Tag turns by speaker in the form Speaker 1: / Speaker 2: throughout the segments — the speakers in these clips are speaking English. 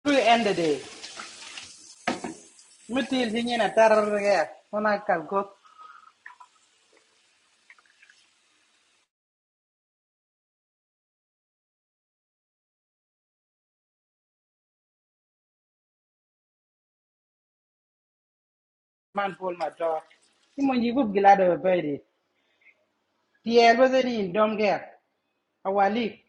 Speaker 1: To end the day. Mutil singing a terror again. When I can go, man, pull my jaw. Simon, you would glad of a baby. The air was in dumb girl. A wali.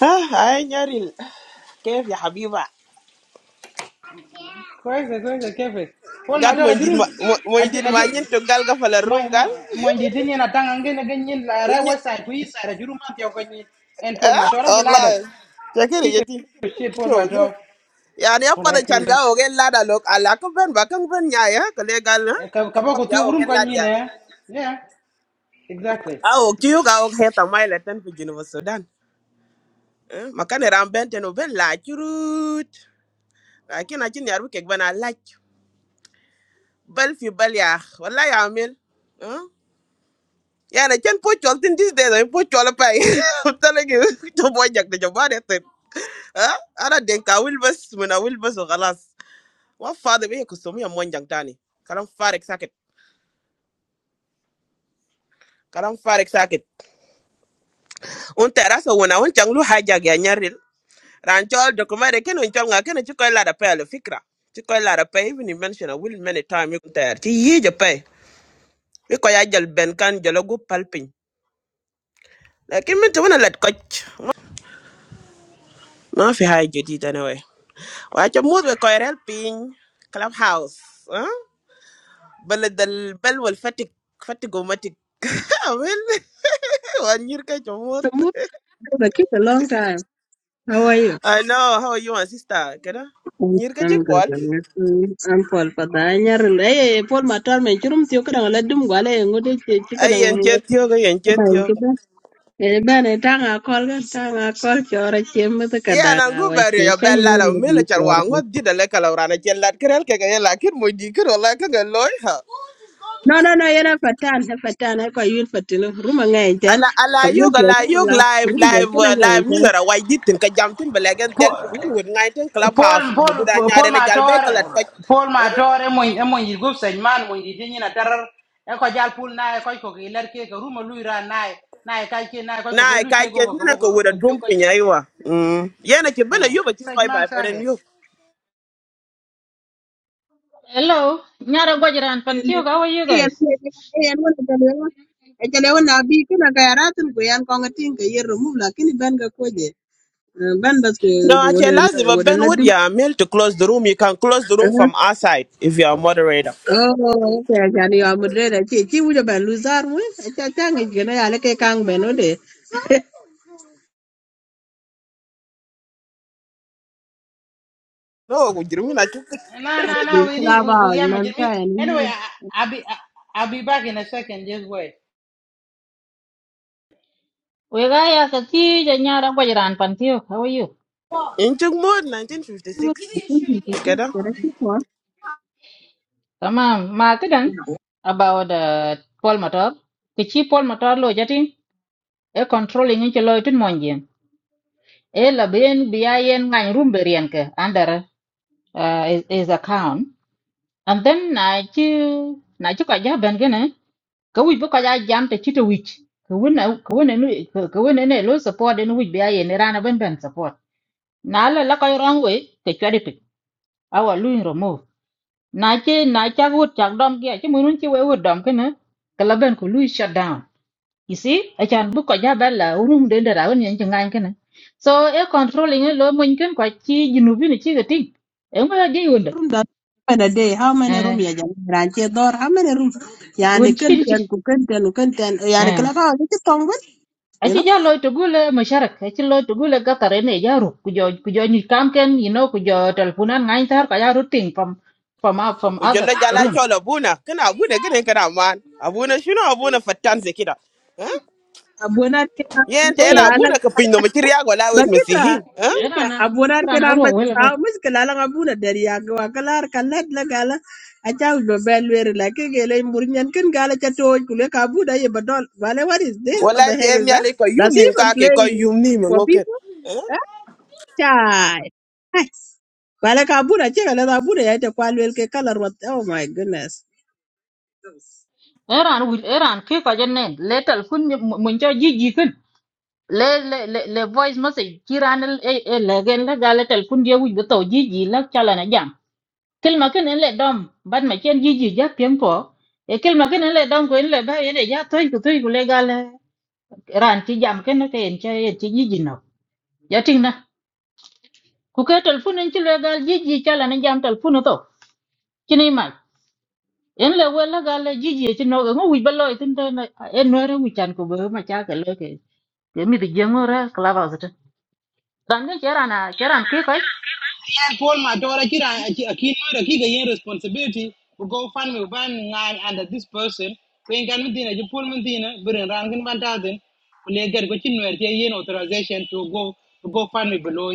Speaker 2: Ah, ay nyaril. Kef ya habiba.
Speaker 1: Quite a good cafe. Pull my
Speaker 2: Gal mo
Speaker 1: jaw,
Speaker 2: hindi ma
Speaker 1: you
Speaker 2: mo
Speaker 1: I
Speaker 2: hindi ma nyin
Speaker 1: do.
Speaker 2: to gal ka fala room gal.
Speaker 1: Mon di tini na tang angin na ganyin la ra
Speaker 2: Nye.
Speaker 1: wasa ku isa ra juru ma tiyo ganyin en pol ma
Speaker 2: Ah,
Speaker 1: tora gilada
Speaker 2: wallahi. Chakiri
Speaker 1: piece of
Speaker 2: yeti.
Speaker 1: shit pol ma
Speaker 2: Yo yo.
Speaker 1: tora
Speaker 2: Yani apa
Speaker 1: pol
Speaker 2: da
Speaker 1: ai
Speaker 2: chan
Speaker 1: kile
Speaker 2: ga o gen lada lok ala ko ben ba kan ben nya ya ko le gal ha.
Speaker 1: ka ka
Speaker 2: Apa
Speaker 1: ba ko
Speaker 2: ya
Speaker 1: tiyo
Speaker 2: o gen lada yani.
Speaker 1: eh yeah exactly
Speaker 2: Ah, o kiyo ga o heta mai la tan fi jinu Sudan. Eh, Makane ram ben ten o ben la churut. Lakin akin yarbu kek ben a lach. Bal fi bal ya. Wallahi amil. Yeah, I can put you all these days. I put you all I'm telling you, the boy Jack, the Jabbar, it. Huh? Ana denka I will bus when I will bus or alas. What father me kusumi a mon young tani. Kalam farik sakit. Kalam farik sakit. Unta rasa when I want changlu hijack ya nyaril. Ranchol document ken when changa ken chuko la da pay le fikra. Chuko la da pay even you mention a will many time you there. Ti ye pay. We ko ya jal ben kan jalo go palpin. Lakin min to let coach. Ma fi high jadid anyway. What your mood? We're coir helping clubhouse, huh? But the bell will fatig, fatig automatic. Well, what your mood?
Speaker 3: The movie that took a long time. How are you?
Speaker 2: I know how you, my sister, kinda.
Speaker 3: I'm
Speaker 2: What your
Speaker 3: I'm good.
Speaker 2: mood?
Speaker 3: I'm, good. Mm, I'm Paul Padanya. Hey, hey, hey, Paul Matar, me churum tiyo kada ngala dum gwale ngode chi chi kada
Speaker 2: I
Speaker 3: ngala
Speaker 2: inject you, I inject
Speaker 3: kada
Speaker 2: you.
Speaker 3: ngala. Eh, bane tanga kol gan tanga kol chora chiemo to
Speaker 2: Yeah,
Speaker 3: kada
Speaker 2: and I'm going
Speaker 3: ngawa
Speaker 2: bury
Speaker 3: pi
Speaker 2: your bell.
Speaker 3: kanyo
Speaker 2: La la,
Speaker 3: no bi
Speaker 2: middle char.
Speaker 3: chora.
Speaker 2: I'm
Speaker 3: mo.
Speaker 2: going to die the lake. La urana, kill the coral. Kill the killer. My dick. Roll like a galloyha.
Speaker 3: No, no, no, yana patan, na patan, ay ko yun patino. Ruma ngayon dyan.
Speaker 2: ala ala
Speaker 3: Kami
Speaker 2: yog
Speaker 3: yung tiyo,
Speaker 2: ala yog
Speaker 3: lahat. Ruma
Speaker 2: live
Speaker 3: ngayon dyan,
Speaker 2: live uh, live ni lora way ditin ka jamtin ba legen del pin ni wud ngai ten club house
Speaker 1: Paul
Speaker 2: mu du da
Speaker 1: Paul Paul
Speaker 2: nyaare ne jal
Speaker 1: Mator
Speaker 2: kalat ko
Speaker 1: Paul Mator e moy e moy gup señ man moy di tinyi na tarar e ko jal pul na e ko ko iler ke ko rumo lui ra na e na e kai ke na ko
Speaker 2: na
Speaker 1: ko
Speaker 2: ay
Speaker 1: lu
Speaker 2: ka
Speaker 1: te go
Speaker 2: ken ni
Speaker 1: ko
Speaker 2: na
Speaker 1: bo ko
Speaker 2: ko wura
Speaker 1: rumo ti
Speaker 2: dum
Speaker 1: ko
Speaker 2: pin
Speaker 1: nyi
Speaker 2: aywa mm yana ke bana
Speaker 1: eh
Speaker 2: yoba ti
Speaker 1: señ
Speaker 2: fai
Speaker 1: man
Speaker 2: ba feren
Speaker 1: saget
Speaker 2: yo
Speaker 4: Hello, Nyara Gwajiran Pantio, how are you
Speaker 3: yan
Speaker 4: guys?
Speaker 3: yan wala jalewa jalewa na bi kana ka yaratin ko yan ko ngatin ka yer remove lakini ban ga koje ban bas ko
Speaker 2: no ache
Speaker 3: wala
Speaker 2: lazima
Speaker 3: wala
Speaker 2: ben would
Speaker 3: ladum
Speaker 2: ya mail to close the room you can close the room from our side if you are moderator
Speaker 3: oh okay jani ya mudre da ce ki wuja luzar mu ta ta ngi gana ya le kai kang beno de
Speaker 2: no we ku jirmi a chuk
Speaker 1: na na na we need bu bu
Speaker 3: Slava
Speaker 1: ya mi
Speaker 3: nan ta yan
Speaker 1: anyway I, I- I'll be I, I'll be back in a second just wait
Speaker 4: We guy as a teacher, Nyara Gwajiran Pantio, how are you?
Speaker 2: in chuk mod 1956 together
Speaker 4: Tamam, Martin, about uh, Paul Motor. Kichi Paul Motor lo jatin, e controlling inch lo itin monjin. E la bien biayen ngang rumberian ke under uh, his, his account. And then na chi na chi kaja ben gene, ka wich bo kaja jam te chito wich. Ka wina ka wina ka wina ne lo support en wich biayen rana ben ben support. na la la koy wrong way ke chwadi pik awa luin remove na che na cha gut chak dom ge che munun che we wut dom kene kala ben ko lui shut down you see a chan bu ko ja bella urum de de raun yen chengan kene so e controlling e lo mun ken ko chi jinu bi ni chi ga ting e mo ge wonde
Speaker 3: room da bana de how many
Speaker 4: eh
Speaker 3: room ya jani ranche dor how many room
Speaker 4: won
Speaker 3: yani
Speaker 4: chi
Speaker 3: kan
Speaker 4: ni chi
Speaker 3: tan ku kan tan kan tan yani
Speaker 4: eh
Speaker 3: kala ka ki tong ben.
Speaker 4: a chi ja lo to gule masharak a chi lo to gule ga tare ne ja ru ku jo ku jo ni kam ken you know ku jo telefonan ngai tar ka ja ru ting from from out- from
Speaker 2: we
Speaker 4: other
Speaker 2: jala jala
Speaker 4: room
Speaker 2: chola buna kana buna gane kana man abuna shino abuna fatan zekida
Speaker 3: abuenar que na
Speaker 2: yen
Speaker 4: so
Speaker 2: te na
Speaker 4: yeah
Speaker 3: mezclala
Speaker 2: buna ka pinno ma kiri yago la wek
Speaker 3: bakita
Speaker 2: mesihin ha
Speaker 3: ita
Speaker 4: Erana,
Speaker 3: abuenar que
Speaker 4: erana
Speaker 3: na
Speaker 4: ruok wele pe.
Speaker 3: mezclala abuna dari yago akalar kalat la gala acha ulo belwer la ke gele murnyan ken gala cha toy kule kabuda ye badol vale what is this what
Speaker 2: wala
Speaker 3: the
Speaker 2: te
Speaker 3: heck
Speaker 2: en
Speaker 3: is that
Speaker 2: yale ko yum
Speaker 3: does he
Speaker 2: nim
Speaker 3: even
Speaker 2: ka ke
Speaker 3: play
Speaker 2: ko yum nim
Speaker 3: for
Speaker 2: ngoke
Speaker 3: people eh chai Hey, vale kabuda che gala abuna ya te kwalwel ke kalar what oh my goodness
Speaker 4: Eran wil eran ke ka jenne le telefon mun cho ji ji kun. Le le le le voice message kiran e e le gen la gale telefon dia wi to ji ji la chala na jam. Kel ma ken en le dom ban ma chen ji ji ja piem po. E kel ma ken en le dom ko en le ba en e de ja toy ko toy ko le gale. Eran ti jam ken ke en cha en ti ji ji no. Ja ting na. Ku ke telefon en ti le gal ji ji chala na jam telefon to. Kini ma. en le wela ga le jiji ci no ngo wi balo itin te na en no re wi chan ko be ma cha ka le ke ke mi de jengo ra kla ba zata dan ne chera na chera ke ko
Speaker 1: and Paul Matora Kira Akinoira Kiga responsibility to go find me one ngan under this person when can Medina you Paul Medina bring rangan one thousand when they get what you know authorization to go to go find me below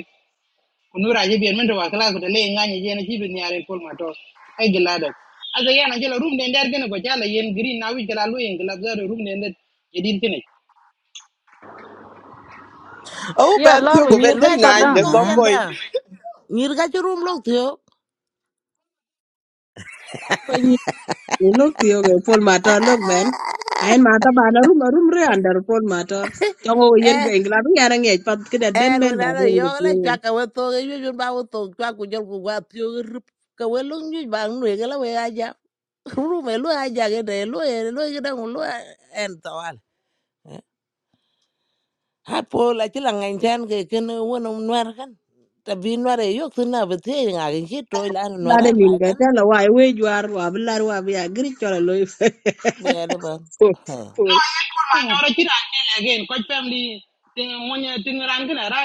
Speaker 1: Unura Jibi and Mendoa Class with the laying Yan Yen Jibi I in Paul Mator I am Gilada as a Yan Angela room then they're going to go Jala Yen Green now we can allow in Galazar room then that you didn't finish.
Speaker 2: oh
Speaker 4: ya
Speaker 2: ban
Speaker 4: la
Speaker 2: ti
Speaker 4: ru
Speaker 2: go ben
Speaker 5: Nyir
Speaker 4: lu
Speaker 5: ka
Speaker 2: den
Speaker 4: shut
Speaker 2: ngan
Speaker 5: churum
Speaker 4: down
Speaker 2: there's
Speaker 5: lok
Speaker 2: no
Speaker 5: yenda.
Speaker 4: ha
Speaker 2: point
Speaker 5: Nyir ka churum lok tiyo.
Speaker 3: Look, yo okay, Paul Mator, look ben. Ayen mata bana rum rum re under Paul Mator. Chongo yen ke
Speaker 5: Eh,
Speaker 3: England ru yana ngej pat kedet
Speaker 5: eh,
Speaker 3: ben ben ba
Speaker 5: nuna lo
Speaker 3: den
Speaker 5: yo
Speaker 3: ke
Speaker 5: la chwa
Speaker 3: tiyo.
Speaker 5: ka we to ge yun ba wo to chwa ku jol ku wa tiyo rup ka we lung yu ba nwe ge la we aja. Rum e lu aja ge de lu e lu ge dang lu en tawal. Ha po la chi la ngan chan ge ken wo no nwar kan. Ta bi nwar e yo tuna be te nga ge chi to la nwar
Speaker 3: Dade
Speaker 5: al ba
Speaker 3: min ke
Speaker 5: tan.
Speaker 3: tela wai we juar wa belar wa biya gri chola loy.
Speaker 5: Be ala ba.
Speaker 3: Paul
Speaker 1: Ekor
Speaker 3: Paul
Speaker 1: family te monya te ran kana ra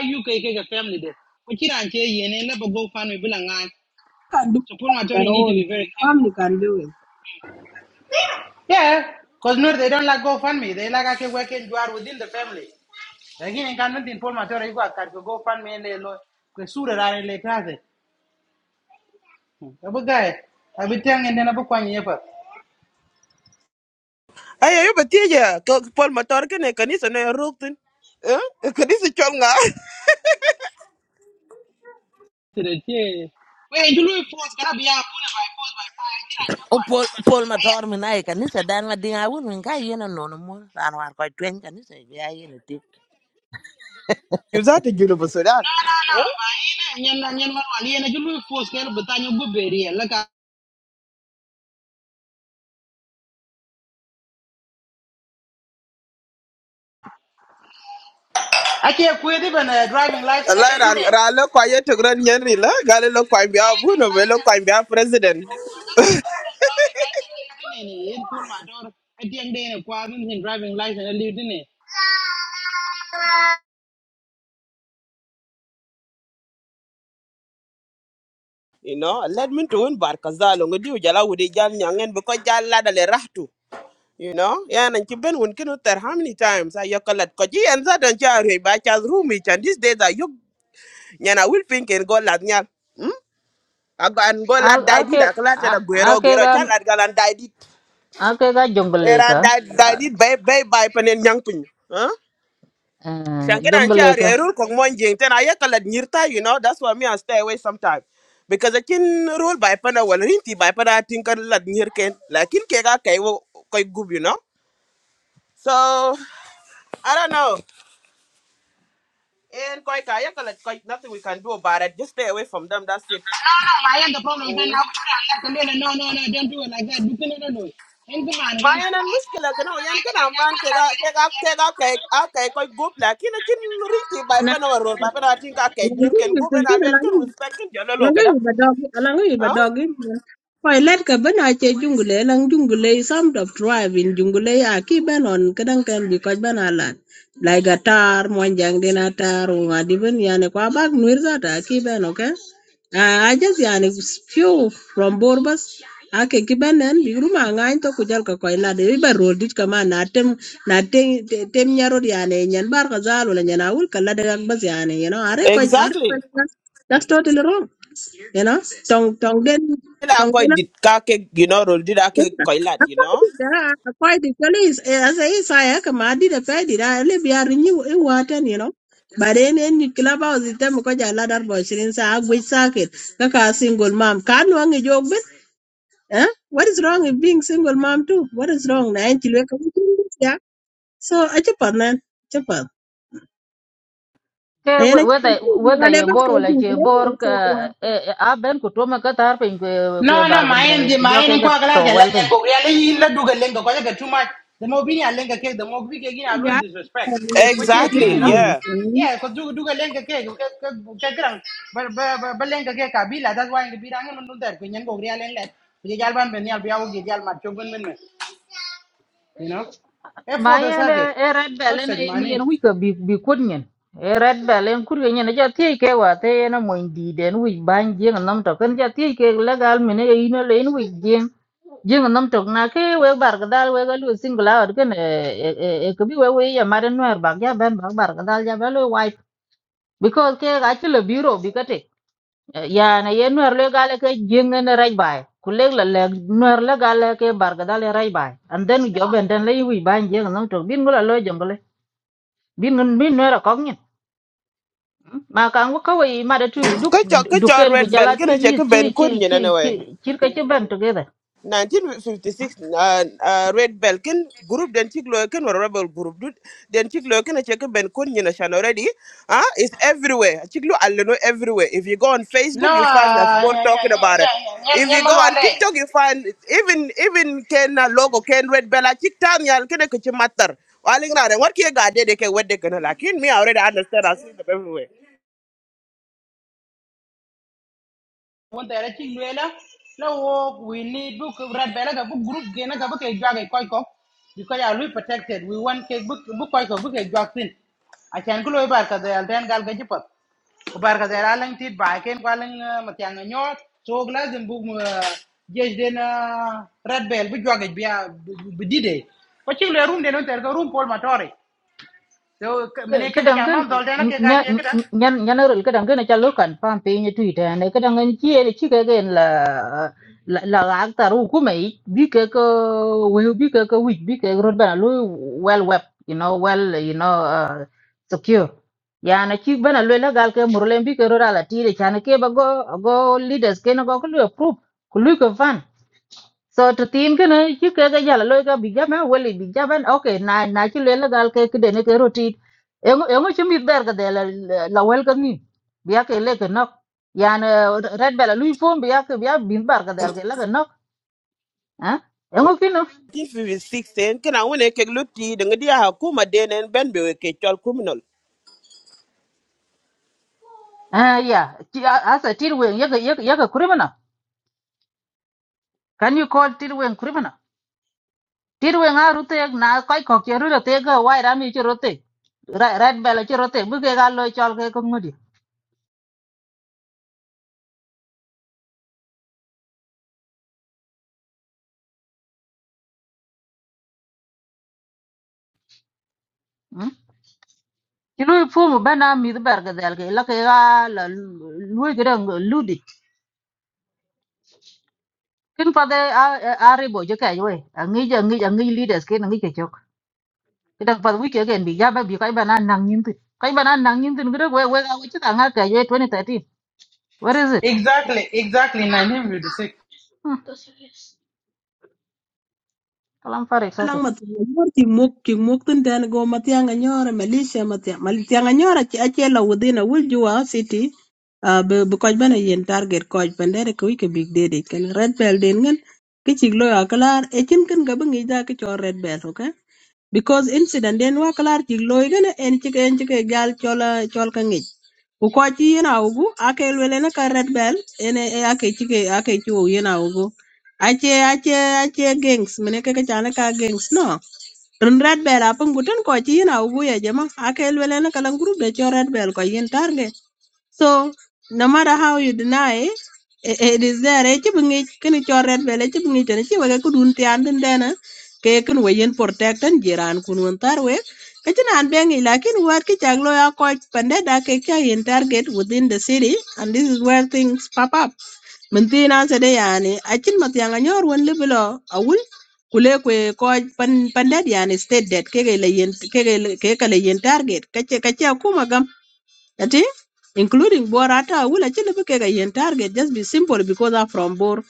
Speaker 1: family de ko ci ran ke yene le go fan me bilanga
Speaker 3: can do it
Speaker 1: so por ma
Speaker 3: on their
Speaker 1: need to
Speaker 3: own.
Speaker 1: be very careful
Speaker 3: Family can do it.
Speaker 1: yeah cuz no they don't like GoFundMe. they like ake work you are within the family Again, kan min por ma majority ko akar ko go fan me le lo ko sure ra le kaze abu gae abi tangen na bu kwani yepa
Speaker 2: ayo yo beti ya ko pol motor ke ne kanisa ne ruktin ha kanisa chol nga
Speaker 1: tire tie we ndulu force kana biya pula by force by fire
Speaker 5: o Paul! Paul, ma tor mi na e kanisa dan ma dinga wun min ka yena nono mo ran war ko twen kanisa ya yena
Speaker 2: you that you know so that
Speaker 1: nyen na nyen man wali yana julu force kel betanyo go beri la ka ake kwe de ben driving license
Speaker 2: la
Speaker 1: ali ne
Speaker 2: ra ra lo ko ye to gran yen ri la gale lo ko bi abu no be lo ko bi president
Speaker 1: ne ne yen pol ma dor atien de ne kwa min hin driving license ali ne
Speaker 2: you know let me to win bar kazalo ngodi jala wudi jal nyangen be ko jal la dale rahtu You know, yeah, and you've been winking out there how many times? I yokal at Koji and that and Chari by Chas room and these days I yok Yana will think and go lad nyal. Hmm? I go and go
Speaker 4: a
Speaker 2: lad
Speaker 4: a
Speaker 2: died it,
Speaker 4: ke
Speaker 2: I clat
Speaker 4: a
Speaker 2: and a
Speaker 4: a
Speaker 2: guero
Speaker 4: ke
Speaker 2: guero
Speaker 4: ga
Speaker 2: Child, lad gal and died it.
Speaker 4: a ke ga jongle
Speaker 2: Era
Speaker 4: ka
Speaker 2: died died it by by by pen and young pin. Huh?
Speaker 4: eh
Speaker 2: Shangan and
Speaker 4: jongle
Speaker 2: Chari,
Speaker 4: ka
Speaker 2: I rule Kong Monjing, then I yokal at Nirta, you know, that's why me I stay away sometimes. Because I can rule by pana well rinty by pana I think I lad near ken like in kega kai wo kai you know. So I don't know. And koi kaya kalat koi nothing we can do about it. Just stay away from them. That's it.
Speaker 1: ma the problem kan na wutura la kan no no no don't do it like that du no no en ku
Speaker 2: Ma
Speaker 1: man
Speaker 2: yan an mushkila kana yan kana man kega kega kega keg a keg koi group la kina kin riti by
Speaker 3: And
Speaker 2: pena warol by pena atin ka keg nyir ken group and alwel ken
Speaker 3: I
Speaker 2: respect kin jalo
Speaker 3: la
Speaker 2: lo
Speaker 3: nga
Speaker 2: kada.
Speaker 3: yu ba dogi la nga yu ba
Speaker 2: Huh?
Speaker 3: dogi koy let ka bena che jungle lang jungle some of drive in jungle ya ki benon kadang kan bi ko bena lat lai gatar mon jang dina tar wa di ben yani ko abak nuir zata ki beno ke Ah, I just yani few from Borbas ake kibenen bigru ma ngai to kujal ka koi lade iba rodit kama na tem na tem tem nyarod yani nyan bar ka kazal wala nyan awul kala de ak bas yani you know are ko are ko
Speaker 2: Exactly.
Speaker 3: that's that's totally wrong you know tong tong den
Speaker 2: Kila
Speaker 3: tong
Speaker 2: koi
Speaker 3: den
Speaker 2: dit ka keg you know rol dit a keg koi lat you know.
Speaker 3: akwai da akwai the police as a is I command the fed I live here renew it water you know but then any club house it them ko jala dar bo shirin sa agwe circuit kaka single mom kan wangi jogbe eh what is wrong with being single mom too what is wrong na en tilwe ka ya. so a chipa nan chipa
Speaker 4: ke
Speaker 3: ayana
Speaker 4: weda
Speaker 3: chipa
Speaker 4: weda
Speaker 3: wale
Speaker 4: ye
Speaker 3: ba
Speaker 4: bor
Speaker 3: ka
Speaker 4: wala
Speaker 3: ju
Speaker 4: che bor
Speaker 3: so
Speaker 4: ka
Speaker 3: wa
Speaker 4: e, e, a ben ko to ma ka tar pin ko ko
Speaker 1: No,
Speaker 4: bar
Speaker 1: no,
Speaker 4: ga del
Speaker 1: main the
Speaker 4: ke jo
Speaker 1: main
Speaker 4: ke
Speaker 1: en
Speaker 4: ga
Speaker 1: kwa galar
Speaker 4: to
Speaker 1: jala
Speaker 4: wel
Speaker 1: nyan ko ya leyi la duga lenga ko ya too much. The mo bini lenga ke the mo bi ke
Speaker 3: ti
Speaker 1: gina lo
Speaker 3: ja
Speaker 1: disrespect. Ko chi e ping,
Speaker 2: Exactly
Speaker 1: you know?
Speaker 4: den
Speaker 2: yeah.
Speaker 1: Yeah, ko duga duga lenga ke ke ke gran. Ba ba ba lenga ke kabila that's why the birang mun nun der ko nyan ko ya len let. Ye jal ban ben yal biawo ge jal ma chogun men men, you know? E for
Speaker 4: ma
Speaker 1: the
Speaker 4: yende
Speaker 1: circuit.
Speaker 4: e red
Speaker 1: Ko
Speaker 4: bell ene
Speaker 1: sej
Speaker 4: yen yen
Speaker 1: mani.
Speaker 4: wika bi bi kut nyen e red bell en kur nyen ja ti ke wa te yen mo ndi den wi ban jing nam to ken ja ti ke legal mene e ino le en wi jing jing nam to na ke we bar ga dal we ga lu single out ken e e e ke bi we we ya mare noer bag ja ben bag bar ga dal ja belo white because ke ga ti le biro bi ya na ye nuer le gale ke jing ne rai bai kulek la le nuer le gale ke barga dale rai bai and then job and then le wi ban jing no to bin gula lo jong le bin ngun bin nuer ko ngi ma kan wo ko wi ma da tu duk
Speaker 2: Kucho kucho
Speaker 4: duken ku
Speaker 2: red bell
Speaker 4: jala tu
Speaker 2: kina che
Speaker 4: yi chi
Speaker 2: ben
Speaker 4: chi
Speaker 2: kun yin
Speaker 4: chi chi
Speaker 2: anyway.
Speaker 4: chi ka chi ban to
Speaker 2: 1956 uh, uh, red belkin group den chik loy ken wara rebel group dut den chik loy ken chek ben kon nyina shan already ah it's everywhere chik lo alno everywhere if you go on
Speaker 1: No,
Speaker 2: facebook you find us both
Speaker 1: nyan
Speaker 2: talking about it
Speaker 1: nyan nyan
Speaker 2: if
Speaker 1: nyan
Speaker 2: you
Speaker 1: man
Speaker 2: go on
Speaker 1: wale.
Speaker 2: tiktok you find even even ken uh, logo ken red bella chik tam yal ken ke matter? waling rare war ki ga de de ke wedde ken lakin me I already understand i see them everywhere
Speaker 1: won tere ci luela la we need book red bela ga book group gena ga book e jage koy ko because ya lui protected we want ke book book koy ko book e jage tin a chan ko loy bar ka de al den gal ga jipat ko bar ka de ra lang tit ba ken ko lang ma tyang nyot so gla dem book jej den red bel bu jage biya bu dide ko ci le room den on tere ko room pol matore so mene ke ga chama
Speaker 4: kadangan
Speaker 1: dol den ke ga je ka
Speaker 4: nyanarul kadangan na chalo kan pam pe ni tuita ne kadangan chi ele chi ka gen la la la akta ru kuma i bi ka ka we bi ka ka wi bi ka rod bana lo well web you know well you know uh, secure ya na chi bana lo la gal ka murle bi ka rod ala ti de chan ke ba go go leaders ke na go ko approve ku lu ko so to tim kene ci keke jala loy ka bi jaben weli bi jaben ok na na ci lel gal ke ke dene ke roti engo ci mi ber ga de la la wel ga ni bi ya ke le ke nok yan eh, red bela luy fom bi ya ke bi ya bin bar ga del ke la ga nok ha engo kino
Speaker 2: 1956 ken awone ke lutti de ngadi ha kuma denen ben be we ke chol criminal
Speaker 4: ah ya ci asa tir wen ya ga ya ga kurimana can you call tir wen kurimana tir wen a rute na kai ko ke rute te ga wai rami ci rote red bela ci rote bu ke ga loy chol ke ko ngudi ci luy fuumu ben a mith berke dhɛl ke la ke a la luoi kede ludit kin pathe a ribo ci kɛc we aŋic aŋic aŋic leaders kin aŋic kecok kidan path wic keken bi jabe bi kac ben a naŋ nyin thin kac ben a naŋ nyin thin kede we wek awic ci kaŋa kɛc we 2013 where is it
Speaker 1: exactly exactly 1956
Speaker 4: hmm. kalam farik
Speaker 3: lang
Speaker 4: sake
Speaker 3: ma thia nyor cï muk cï muk thïn tën go ma thïanga nyörö Malaysia ma thia ma thïanga nyörö acëlö within a will you our city uh, bï bï köc bënë yen target köc pën dëdë kë wic kebik dede kën red bell den ngën kï cïk lawyer aklar ëcïn kën ka bï ngec dha kï cö red bell ok because incident den wa klar ci loy gene en ci en ci gal chola chol ka ngi ku ko ci yena ugu ake lwele na ka red bell ene e ake ci ke ake ci wo yena ugu ache ache ache gangs mene ke ka chana ka gangs no run red bell apun guten ko ci yena ugu ya jama ake lwele na kala group de cho red bell ko yin target so no matter how you deny it, it, it is there. E chibi ngic kini cɔ rɛt bɛl e chibi ngic eni ci weke ku dun tian tin tɛna ke kin we yen protect an jiran kun wen tar wek ke ci naan bɛŋ ic lakin wat ki cak lo ya kɔc pende da ke ca yen target within the city and this is where things pop up min thin an sede yani acin ma thiaŋ anyor wen libi lɔ awul kule kwe kɔc pandet yani state det keke le yen keke le- keka le yen target kace kace akuma that is, including Borata, will actually be a yen target just be simple because I'm from Bor.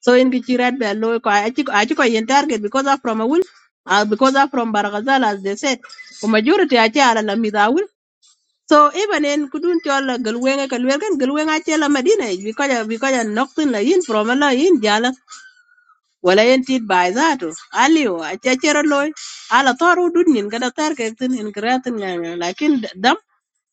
Speaker 3: So in Kichi Red Bell, no, I actually yen target because I'm from a will, uh, because I'm from Baragazal, as they said. for majority i are Chala Lamida will. So even in Kudun Chola, Gulwenga, Kalwergan, Gulwenga Chela Medina, is because I because I knocked in La Yin from a La Yin Jala. Well, I ain't it by that. Alio, I tell a chachero loy, ala toru dudnin, gada targetin in kreatin,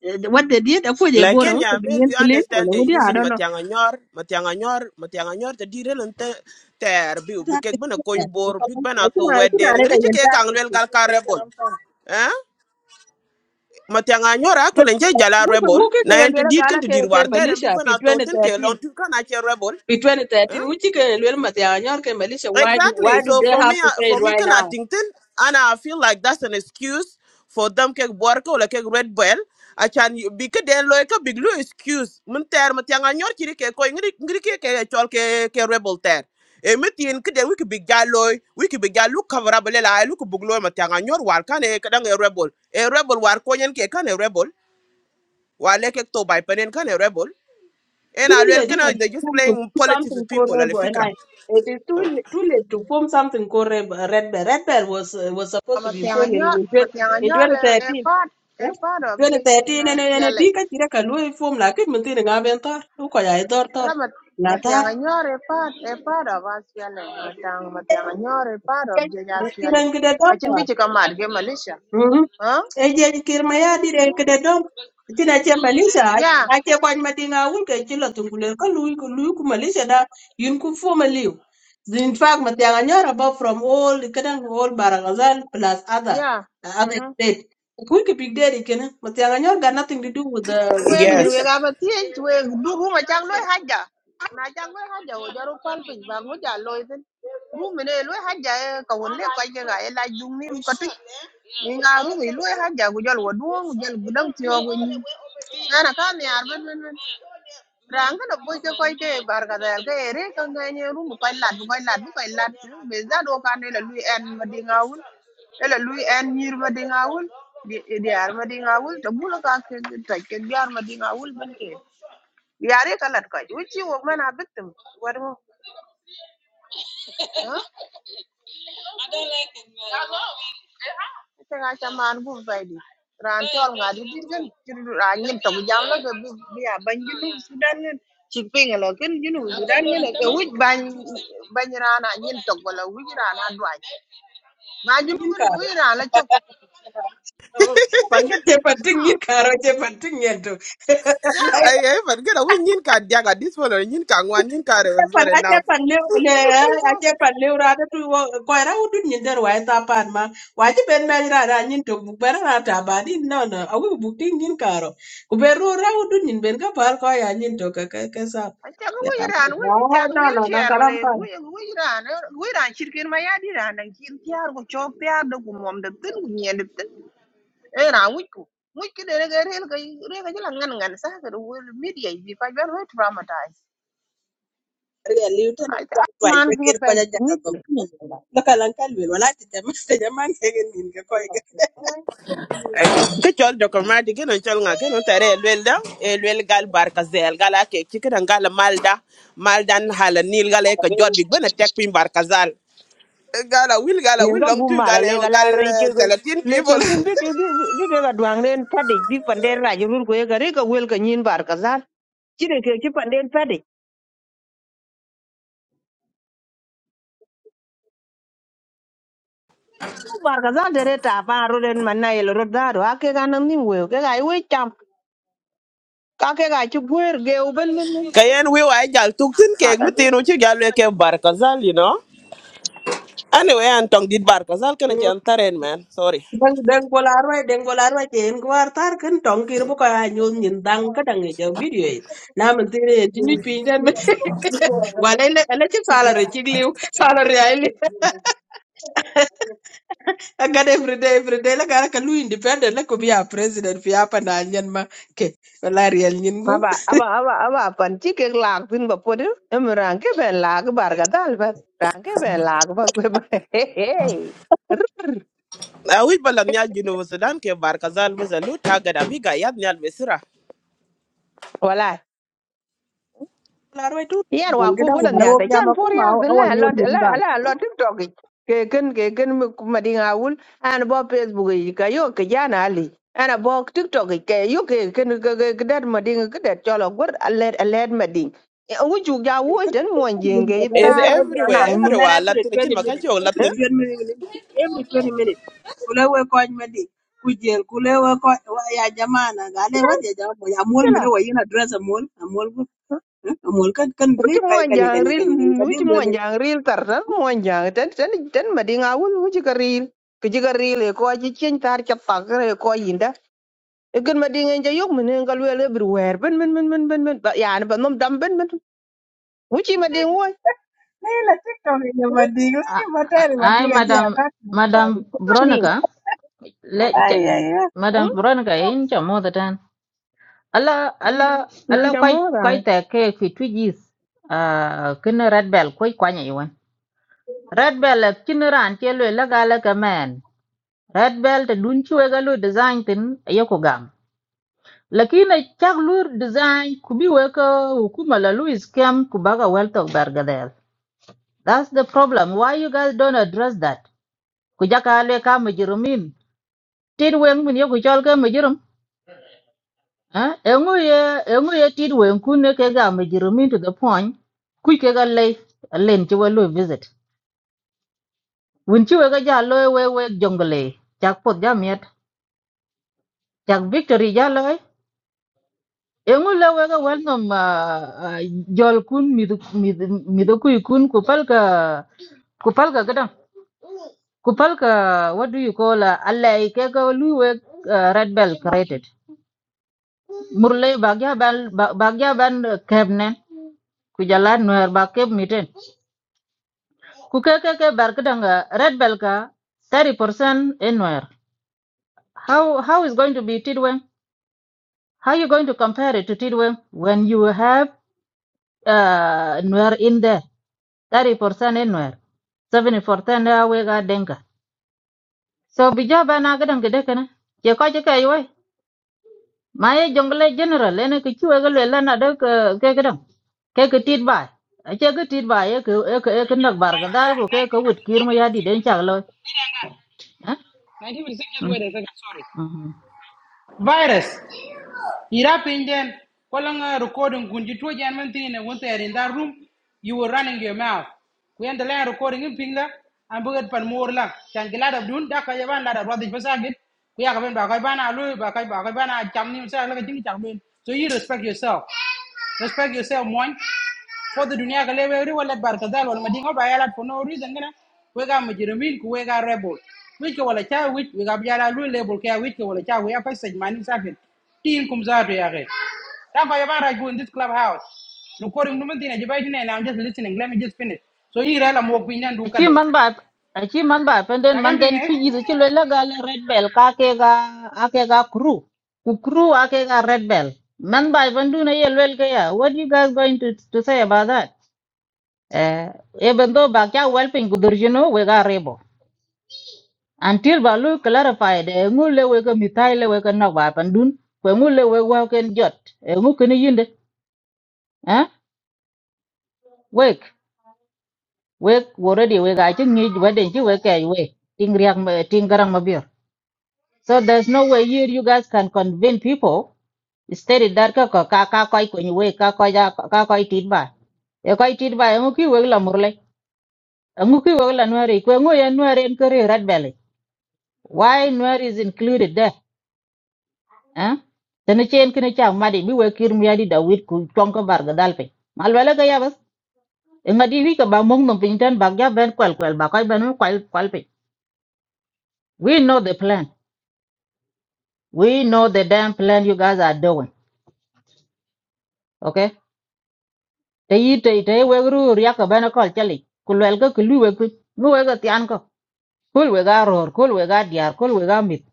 Speaker 3: Eh, What they did, aku je
Speaker 2: Like in
Speaker 3: borang
Speaker 2: yeah,
Speaker 3: untuk
Speaker 2: maybe
Speaker 3: bingin
Speaker 2: you
Speaker 3: clean,
Speaker 2: understand they're
Speaker 3: walau dia I
Speaker 2: using
Speaker 3: don't know.
Speaker 2: Matianganyor, Matianganyor, Matianganyor to deal and ter be because
Speaker 3: Target
Speaker 2: when a
Speaker 3: kita,
Speaker 2: coin
Speaker 3: eh,
Speaker 2: bore, big
Speaker 3: kalau- Lakini
Speaker 2: banato
Speaker 3: ada
Speaker 2: wet then and rich cake and well galka rebel. Eh? Matianganyor, I call and jala rebel. Now and to deed can to
Speaker 3: ke
Speaker 2: deal
Speaker 3: ke
Speaker 2: war there and
Speaker 3: Malaysia
Speaker 2: big
Speaker 3: fi
Speaker 2: banato think
Speaker 3: 2013
Speaker 2: along to can I rebel.
Speaker 3: fi
Speaker 2: Eh?
Speaker 3: 2013 which ke lwel mate anyor ke Malaysia why do-
Speaker 2: Exactly.
Speaker 3: why do
Speaker 2: So
Speaker 3: they
Speaker 2: for
Speaker 3: have
Speaker 2: me,
Speaker 3: to
Speaker 2: uh,
Speaker 3: say it
Speaker 2: for me,
Speaker 3: right
Speaker 2: can I
Speaker 3: now?
Speaker 2: think then, and I feel like that's an excuse for them cake work or like red bell. I can because then like a big blue excuse. Mun ter mun tiang anyor kiri ke ko ingri ingri ke ke chol ke ke rebel ter. E mutin kede we could be galloy, we could be gallo cover up lela, look buglo matiang anyor war can a kadang e rebel. E rebel war koyen ke can a rebel. Wa leke to by penen can a rebel. And
Speaker 3: Too
Speaker 2: I will
Speaker 3: late
Speaker 2: kind
Speaker 3: even
Speaker 2: of they're just
Speaker 3: to
Speaker 2: playing
Speaker 3: do
Speaker 2: politics
Speaker 3: something
Speaker 2: with
Speaker 3: called
Speaker 2: people, al
Speaker 3: rebel and
Speaker 2: fikra.
Speaker 3: I it is too late, too late to form something called rebel. Red Bell. Red Bell was uh, was
Speaker 6: I'm
Speaker 3: supposed to
Speaker 6: a
Speaker 3: be
Speaker 6: thing on
Speaker 3: formed in
Speaker 6: your, I'm a thing on
Speaker 3: in
Speaker 6: your a
Speaker 3: 2013
Speaker 6: part, a part of the day
Speaker 3: 2013 ene
Speaker 6: now,
Speaker 3: ene bi
Speaker 6: Shelley.
Speaker 3: ka tira ka lui fom la kit mun tira ngaben tor u ko ya dor tor
Speaker 6: I'm a
Speaker 3: na
Speaker 6: I'm a thing
Speaker 3: tar
Speaker 6: on your a part, a part of us, Shelley. I'm a part of the day,
Speaker 3: kiran
Speaker 6: Shelley.
Speaker 3: gide dom
Speaker 6: I think we
Speaker 3: tor
Speaker 6: should come out, get militia.
Speaker 3: mhm
Speaker 6: Huh?
Speaker 3: e je kir ma ya dire gide dom tina che manisha
Speaker 6: Yeah,
Speaker 3: a che kwan ma dinga wul ke chilo tungule ka lui ku lui ku manisha da yun ku fo ma liu in fact ma tianga nyara ba from all kadan all baragazal plus other
Speaker 6: yeah.
Speaker 3: uh, other
Speaker 6: Mm-hmm.
Speaker 3: state ku ki big daddy kenan ma tianga nyar got nothing to do with the with
Speaker 6: wen min
Speaker 2: Yes.
Speaker 6: we
Speaker 3: manisha
Speaker 6: gaba tiej we dugu ma chang loy haja na chang loy haja o jaru pal pin ba ngu ja loy tin bu mine loy haja e ka won le ka ge ga e la jung ni ko tu ni nga ru ni loy haja gu jol wo du gu jol gu dang ti o gu ni na na ka ni ar ben ben ben ranga da boy ke koy te barka da ke ere ka ngani rum koy lat bu koy lat bu koy lat be za do kan ne la lui en ma dinga wul e la lui en nyir ma dinga wul di di ar ma dinga wul to bu la ka ke ta ke di ar ma dinga wul ban ke yare ka lat koy u chi wo mana bitum war mo Ita nga chaman bu vay di. Ran chol nga di dir kan. Ran yin tong jam la ka bi bi a ban jinu sudan ngin. Chik pinga la kan jinu sudan ngin. Ka wij ban ban ran a yin tong wala wij ran a dwaj. Ma jinu
Speaker 3: yin
Speaker 6: kan ka wij ran la
Speaker 3: ka
Speaker 6: chok.
Speaker 3: Oh, pan ka che pan
Speaker 6: Ah,
Speaker 3: karo che pan ting ye to.
Speaker 6: Ya.
Speaker 2: Ay, ay, but get away, Nin can jaga this one, or can one, Nin can
Speaker 3: Ache pan
Speaker 2: reserve
Speaker 3: ache
Speaker 2: enough.
Speaker 3: pan leu
Speaker 6: Ang
Speaker 3: le
Speaker 6: la dak
Speaker 3: ache
Speaker 6: saka.
Speaker 3: pan leu ra da tu wo ko ra u wa ta pan ma. Wa ji ben ma ra ra nyin to bu ra ta ba di no no a wi bu nyin karo. Kuberu ra u dun nyin ben ka par ko ya nyin to ka ka ka sa.
Speaker 6: Acha ka
Speaker 3: Ya
Speaker 6: wij
Speaker 3: ka.
Speaker 6: ran wij bi
Speaker 3: Ah,
Speaker 6: chat
Speaker 3: No no no
Speaker 6: wheelchair wala
Speaker 3: karam pa.
Speaker 6: ka wij wij ran. Wij ran chirkin ma ya di ran. Nang chin tiar ko chok tiar da ku mom da tin ku nyen da tin. e ra wiku wiki de ga rel ga re ga jila ngan ngan sa ga wo media bi ka jan wo traumatize
Speaker 3: Ya liu te na
Speaker 6: ai
Speaker 3: ta
Speaker 6: ta
Speaker 3: tu ai ke
Speaker 6: man ku
Speaker 3: kir pa
Speaker 6: pa
Speaker 3: ja ja ka to.
Speaker 6: media
Speaker 3: Lo ka lan wala ti te ma te ja man ke nyin ke ko
Speaker 2: Get your document again on Chalna, get on Terre, Elwelda, Elwel Gal Barkazel, Gala Chicken and Gala Malda, Maldan Hala Nil Galeka, Jod Big Ben, attack Pim Barkazal. Gala will Gala will
Speaker 6: ninga
Speaker 2: long to
Speaker 6: gumara lega
Speaker 2: Galeo
Speaker 6: la
Speaker 2: Gal
Speaker 6: raike
Speaker 2: Talatin
Speaker 6: leke
Speaker 2: people.
Speaker 6: tun bike bike ga duang den padi bi panden raje rur ko ga rika wel ka nyin bar kazal chire ke ki panden padi ku bar kazal dere ta pa ro den manna yel ro da do ake ga nan nim we ke ga we cham ka ke ga chi gwer ge u ben
Speaker 2: Kayan, will. were Gal took tin cake, Mutino Chigaleke Barkazal, you know. Anyway, Antong did Barkazal, can I chant man? Sorry.
Speaker 3: dang dang bola roi dang bola roi chen war tar kan tong kir bu ka nyu nyin dang ka dang e jaw video e na man ti re ti nyu pin dan me wa le le le ti sala re ti liu sala re ai li ga de every day every day la ga ka lu independent la ko bi a president fi apa na nyen ma ke la re nyin go
Speaker 6: aba aba aba aba panchi ke lag tin ba podu em rang ke ben lag bar ga dal ba rang ke ben lag ba kwe ba he he
Speaker 2: Awi balan nyal jinu Sudan ke barkazal muzalu taga da biga yad nyal
Speaker 6: wala
Speaker 3: la roi tu
Speaker 6: yan wa
Speaker 3: ngan
Speaker 6: ku
Speaker 3: ga dang
Speaker 6: wona
Speaker 3: war o
Speaker 6: nyak da
Speaker 3: ga
Speaker 6: chan
Speaker 3: ma ku
Speaker 6: por
Speaker 3: ma
Speaker 6: yak de
Speaker 3: o wa
Speaker 6: la
Speaker 3: nyu
Speaker 6: la
Speaker 3: nyin
Speaker 6: la
Speaker 3: dang
Speaker 6: la la tiktok ik. ke ken ke ken mi ku ma dinga wul an bo facebook yi ka yo ke jana ali ana bo tiktok ik, ke yo ke ke lo gor alert alert ma ding wu
Speaker 3: Because every,
Speaker 2: Is
Speaker 6: ar
Speaker 3: every,
Speaker 2: everywhere,
Speaker 6: nang
Speaker 3: about,
Speaker 6: num
Speaker 3: about
Speaker 2: everywhere.
Speaker 3: every
Speaker 2: Latin chin
Speaker 3: 20
Speaker 2: makan
Speaker 3: minutes,
Speaker 2: chio
Speaker 3: every
Speaker 2: Latin.
Speaker 3: 20 minutes, every 20 minutes. Kule we kwa medi, kujel, kule we kwa wa- ya jamaa na gale, wadi ya jamaa, ya mol mene wa yina dress a mol, a mol bu, eh, a mol kan kan dre,
Speaker 6: wuci
Speaker 3: kaya
Speaker 6: muwan
Speaker 3: ganya
Speaker 6: jaŋ
Speaker 3: ganya
Speaker 6: ril
Speaker 3: ganya ganya, sabi
Speaker 6: wuci muwan
Speaker 3: lwele.
Speaker 6: jaŋ ril tar tan muwan jaŋ tan tan tan madi ŋawul wuci ka ril kiji ka ril e ko ci cien tar ca pak e ko yinda e gën madi ŋen ja yok mene ka luel e bir wer ben ben ben ben ben ben yani ba nom dam ben ben wuci madi ŋoy
Speaker 3: Hila TikTok ya madi, lwele matari
Speaker 4: ai
Speaker 3: madi ya kia
Speaker 4: madam
Speaker 3: akati.
Speaker 4: madam
Speaker 6: madi
Speaker 4: veronica le
Speaker 3: Ay, ay, ay.
Speaker 4: Mm. madam veronica in cha mo the Allah Allah ala koy
Speaker 6: jamo ra
Speaker 4: koy te ke fi twijis uh, kene red bell koy kwanya iwan red bell ak kene ran ke lo la gala ka man red bell te dun chuwe ga lo design tin yoko gam lakini chak lu design kubi weka hukuma la Louis scam kubaga weltok bergadel that's the problem why you guys don't address that kujaka ale ka majirumin tin weng min yoko chol ka Eh, engu ye engu ye tit wen kun ne ke ga me jirumin to the point. Kui ke ga lay len chi we lo visit. Win chi we ga ja lo we we jongle. Chak pot ja miet. Chak victory ja lo. Engu le we ga wel nom ah, ah, jol kun midu midu midu kui kun ku pal ka ku ka gadam. Ku ka what do you call uh, alley ke ga lu we ah, red bell created. Murle bagya ban bagya ban kebne ku jalan nuer bakep Kukekeke Berkdanga, Red Belka, 30% anywhere. How how is going to be Tidweng? How you going to compare it to Tidweng when you have uh Nuer in there? 30% anywhere. 70% awega denga. So bijaba na gadang gedekana. Ye ko jika yoy. Maye jungle general ene kichwe gelo lana dek ke keke Ke ke tidbai. Ache ke tidbai ye ke ye ke nak bar go ke ke wit kirma yadi den chaglo. Eh?
Speaker 1: 1956 just
Speaker 4: Mm.
Speaker 1: wait a second sorry
Speaker 4: mm, mm.
Speaker 1: virus ira pinden kwalanga recording kunji to janman tine wonte in that room you were running your mouth ku endele recording in pinga am bugat pan morla changila da dun da ka yaban da rodi pasagit ku ya ka ben ba ka bana lu ba ka ba ka bana cham ni sa la ka jing cham ben so you respect yourself respect yourself mon for the dunia gale we ri wala barka dal wala madinga ba yala for no reason gana we ga mujrimin ku we ga rebel we wala cha we we ga yala lu label ke we wala cha we apa sej safin tin kum za to ya ge ya ba go in this clubhouse recording no mentina je ba dine and i'm just listening let me just finish so yi rala mo pinan du
Speaker 4: Aci
Speaker 1: kade
Speaker 4: man ba aci man ba penden
Speaker 1: ta gam
Speaker 4: man den
Speaker 1: pinga he
Speaker 4: piji ci le la gal red bell ka ke ga ake ga crew ku crew ake ga red bell man ba bandu na ye lel ke ya what you guys going to to say about that eh even though ba kya welping gudur jino we ga rebo until ba lu clarify de ngule we ga mitai le we ga na ba pandun ko ngule we wa ken jot e ngu ken yinde eh wek wek already we ga ci ngi ba den ci we ke we ting riak ting garang ma So there's no way you you guys can convince people. Instead of that ka ka ka ka koi kwenye we ka koi ja ka koi tit ba. E koi tit ba e nguki we la murle. E nguki we la nwari kwe ngu ya nwari en red belly. Why nuari is included there? Huh? Tene chen kene cha madi bi we kir mi adi da wit ku chong ka bar ga dalpe. Malwele ka ya bas. E ngadi wi ka ba mong nom pinten ba ga ben kwel kwel ba koi ben kwel kwel pe. We know the plan. We know the damn plan you guys are doing. Okay. te yi te te wek ru riak ka bena kol chali ku lwel ka kulu wek ku ngu wek ka tian ko kul wek a ror kul wek a diar kul wek a mit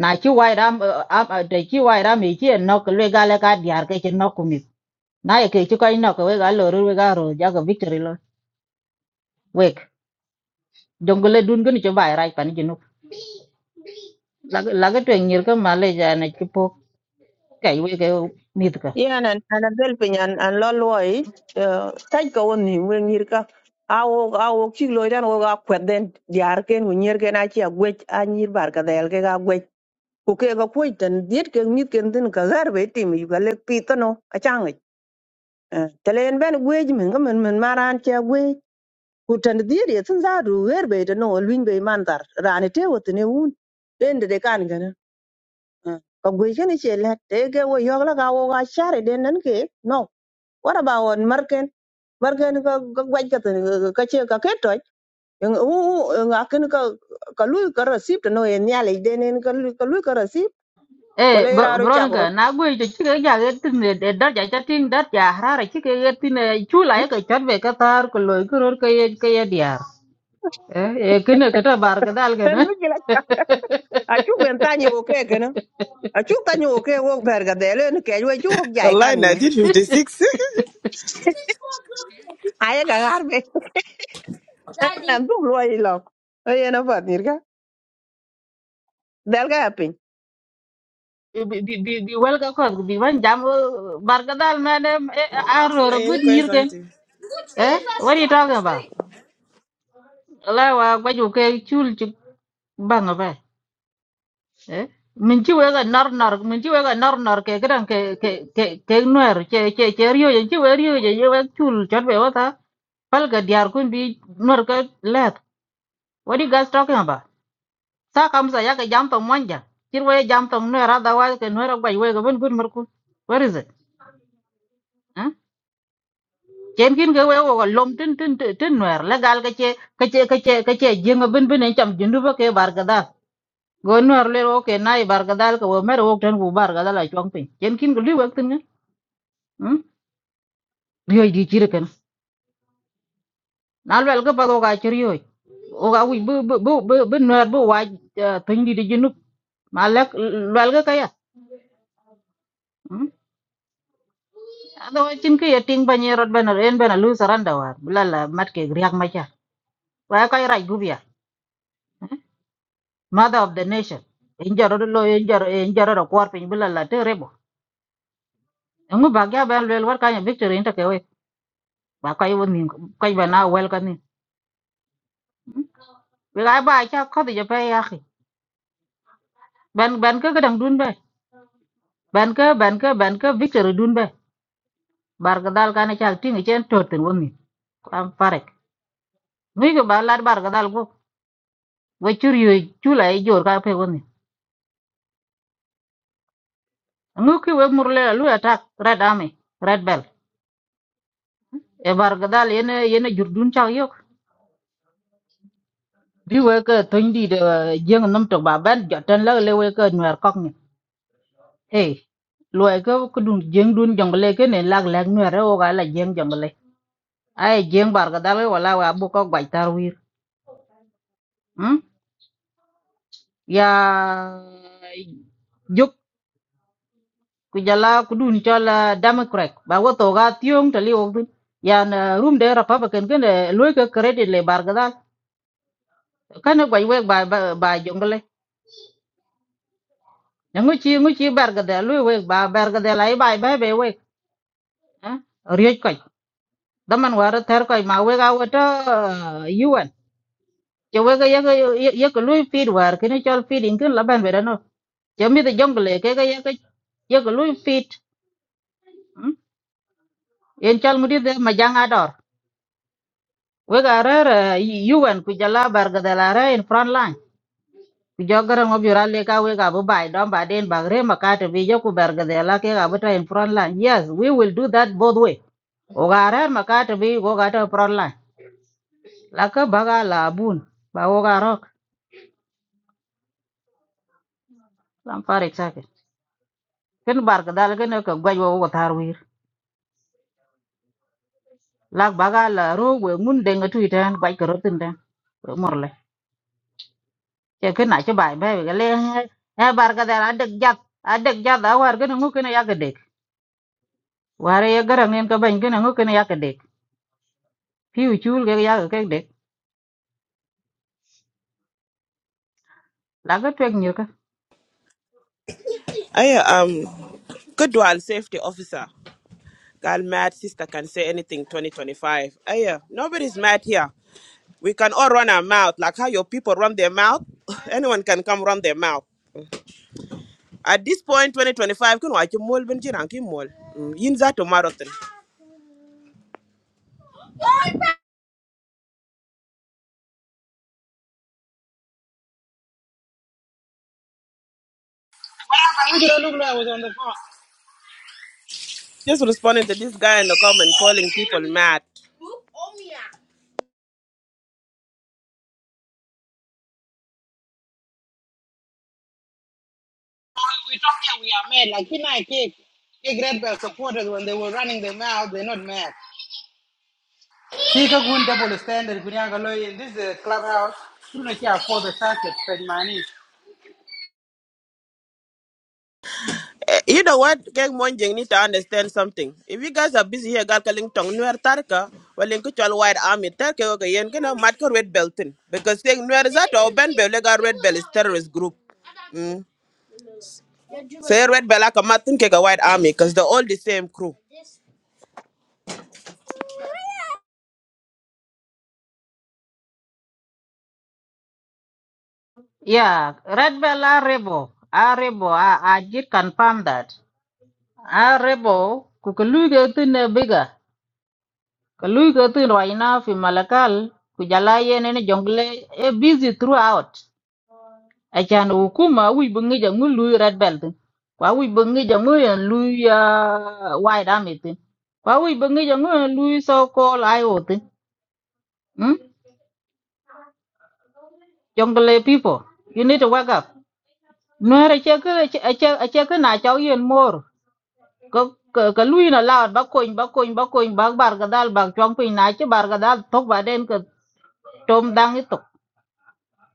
Speaker 4: na chi wai ram eh, am eh, te chi wai ram e chi en nok lwe ga le ka diar ke chi nok ku mit na ye ke chi ko nok wek a lor wek a ror ja ka victory lo wek jongle dun gni chi bai rai pan jinu lag lag te ngir ka male ja na chi po kai wek eh, mit ka
Speaker 6: yan an an bel pe nyan an lo loy taj ka woni wen yir ka awo awo ki loy dan wo ga kwet den diar ken wo nyer ken a ci a gwech a nyir bar ka del ke ga ku kek akuoc tan diet kek mith ken thïn ka ghɛr ba ïtïmö yïka lek pith thönö acangic tëla ën bën agwëc mïn ka mïn mïn man raan cë agwëc ku tën diet ye thïn thadu ghër ba ïtï nongo lwiny ba ïman thar raan ite wothin eun den dede kan kënë ka gwëc kënë cë lët tëë ke wo yök lëkà wök acarï den nën kek no what about on mërkën mërkën ka gwëc ka thïn ka cë ka ket töc ŋakin ka ka luy ka receipt no ën nyalic den ën ka luy ka receipt
Speaker 4: Eh,
Speaker 6: wala ï raan ïcak
Speaker 4: Veronica,
Speaker 6: rot
Speaker 4: na gwe jo chike ja ge tin de dar ja chatin dat ja harara chike getin chula e ka chatbe ka tar ko loy ko ror ka ye ka ye diar. Eh, e kene ka ta bar ka dal ka
Speaker 6: en
Speaker 4: na.
Speaker 6: mi kila acu ben tanyi wo ke kena acu tanyi wo ke wo ber ga dele ni ke wo cu wo jai
Speaker 2: Allah
Speaker 6: kan nga
Speaker 2: 1956.
Speaker 6: aye ga garbe en an tu lo i lok oye na pat nir ka del ga
Speaker 4: Bi bi bi bi wel ka ko bi ban jam eh, bar ka dal na de a ror
Speaker 2: Ayen
Speaker 4: gud
Speaker 2: kwe
Speaker 4: nyir ken.
Speaker 2: santi.
Speaker 4: Eh, what are you talking about? La wa gwa jo ke chul chik bang eh min ci wega nar nar min ci wega nar nar ke gran ke ke ke ke nuer ke ke ke rio je ci wer rio ye wek chul chot be wata pal ga diar kun bi nuer ke let what you guys talking about sa kam sa ya ke jam tong manja cir we jam tong nuer ada wa ke nuer ba we ga ben kun mer kun where is it eh ken kin ke we wo lom tin tin tin nuer la gal ke ke ke ke ke ke jeng ben ben en cham jindu ba ke bar ga da go nuer le ro ke nai bar ga dal ko mer wo tan ku bar ga dal chong pin chen kin ko li wak tin ngan hm riyo di chir ken nal wel ga pa go ga chir yo o ga wi bu bu bu bu bu nuer bu wa tin di di jinu ma lek wel ga kaya hm ado chin ke ting ba ni rot ban ren ban lu saranda war blala mat ke riak ma cha wa ka ra gu bia mother of the nation in jaro lo in jaro in jaro ro kwar pin blala te rebo ngu ba ga ban wel war ka ya victory inte ke we ba kai won ni kai ba na wel ka Wala ba cha kodi ja pay akhi. Ben ben ka kadang dun ba. Ben ka ben ka ben ka victory dun ba. Bar ka dal kana cha tingi chen totin woni. Am parek. Ngi ko ba lad bar ka dal go. Wa chur yu chula i jor ka pe woni. Ngi ki we murle lu attack red army red bell. E bar ka dal yene yene jur dun cha yok. Bi we ka tondi de jeng nam to ba ben jatan la le we ka nwer kok ni. Hey. Luai ka kudung jeng dun jongle ke ne lag lag nwer o ga la jeng jongle. ai jeng barga dal wala wa bu ko gwaj tar wir hmm? ya juk ku jala ku dun chola democrat ba wo to ga tiong tali wo dun ya na room de republican gen loy ka credit le barga dal kan gwaj we ba ba ba jongle ya ngu chi ngu chi barga dal loy we ba barga dal ay ba ba be we ha rioj koy daman war ter koy ma we ga wata yuan che we ga ye ga ye ko loy feed war kini chol feeding kin laban be Jami the jungle ke ke ke ye ko lui fit. mm? En chal ngudi de majanga dor. We ga re UN ku jala bar ga de la re in front line. Ku jogara mo bi ralle ka we ga bu bai don ba den ba re makate bi ye ku bar ga de la ke ga bu ta in front line. Yes, we will do that both way. O ga re makate bi go ga ta front line. La ka ba ga la bun ba o ga rok. Lam far exactly. Ken bar ga dal ken ko gwa wo ko tar wir. La ba ga la ro we ngun de ngatu itan gwa ko rotin den. Morle. ke kena ke na che bai be ga le e bar ga da dek jat a dek jat da war ga ngu ke na ya ga dek war ye ga ran ka ban ke na ngu ke na ya ga dek pi u chul ga ya ga ke dek la ga twek nyu ka
Speaker 2: Aya um good dual safety officer. Girl mad sister can say anything 2025. Aye, nobody's mad here. We can all run our mouth like how your people run their mouth. Anyone can come run their mouth. At this point 2025 kun wa chi mol ben jiran ki mol. Mm, Yin za to marathon.
Speaker 1: i just look like i was on the phone
Speaker 2: just responding to this guy in the comment calling people mad.
Speaker 1: like you know, I kick kick red bell supporters when they were running their mouth they're not mad Kika gun double standard kunyanga loy in this uh, clubhouse. Tuna kia afford the circuit fed money.
Speaker 2: Eh, You know what? Gang Monjing need to understand something. If you guys are busy here, gal kaling tong nuer tarka, well in kuchal white army tarka yoga yen kena matka red beltin. Because saying nuer is that or ben belega red bell is terrorist group. Mm. Say red bell like a matin keka white army because they're all the same crew.
Speaker 4: ya red bell a rebo a rebo a a jit confirm that a rebo ku ka lu ga tin na biga ka lu ga tin ro ina fi malakal ku jala ye ne jongle e busy throughout Achan hukuma wi bi ngija ngu lui red belt in. Kwa wi bi ngija ngu yan lui uh, white army tin. Kwa wi bi ngija ngu yan lui so called I O tin. Hmm? jungle people, you need to wake up. Nuer acheke acheke acheke na chao yen mor. Ka, ka, ka lui na laot ba kony ba kony ba kony ba bar gadal ba chong pin na che bar gadal tok ba den ka tom dang itok.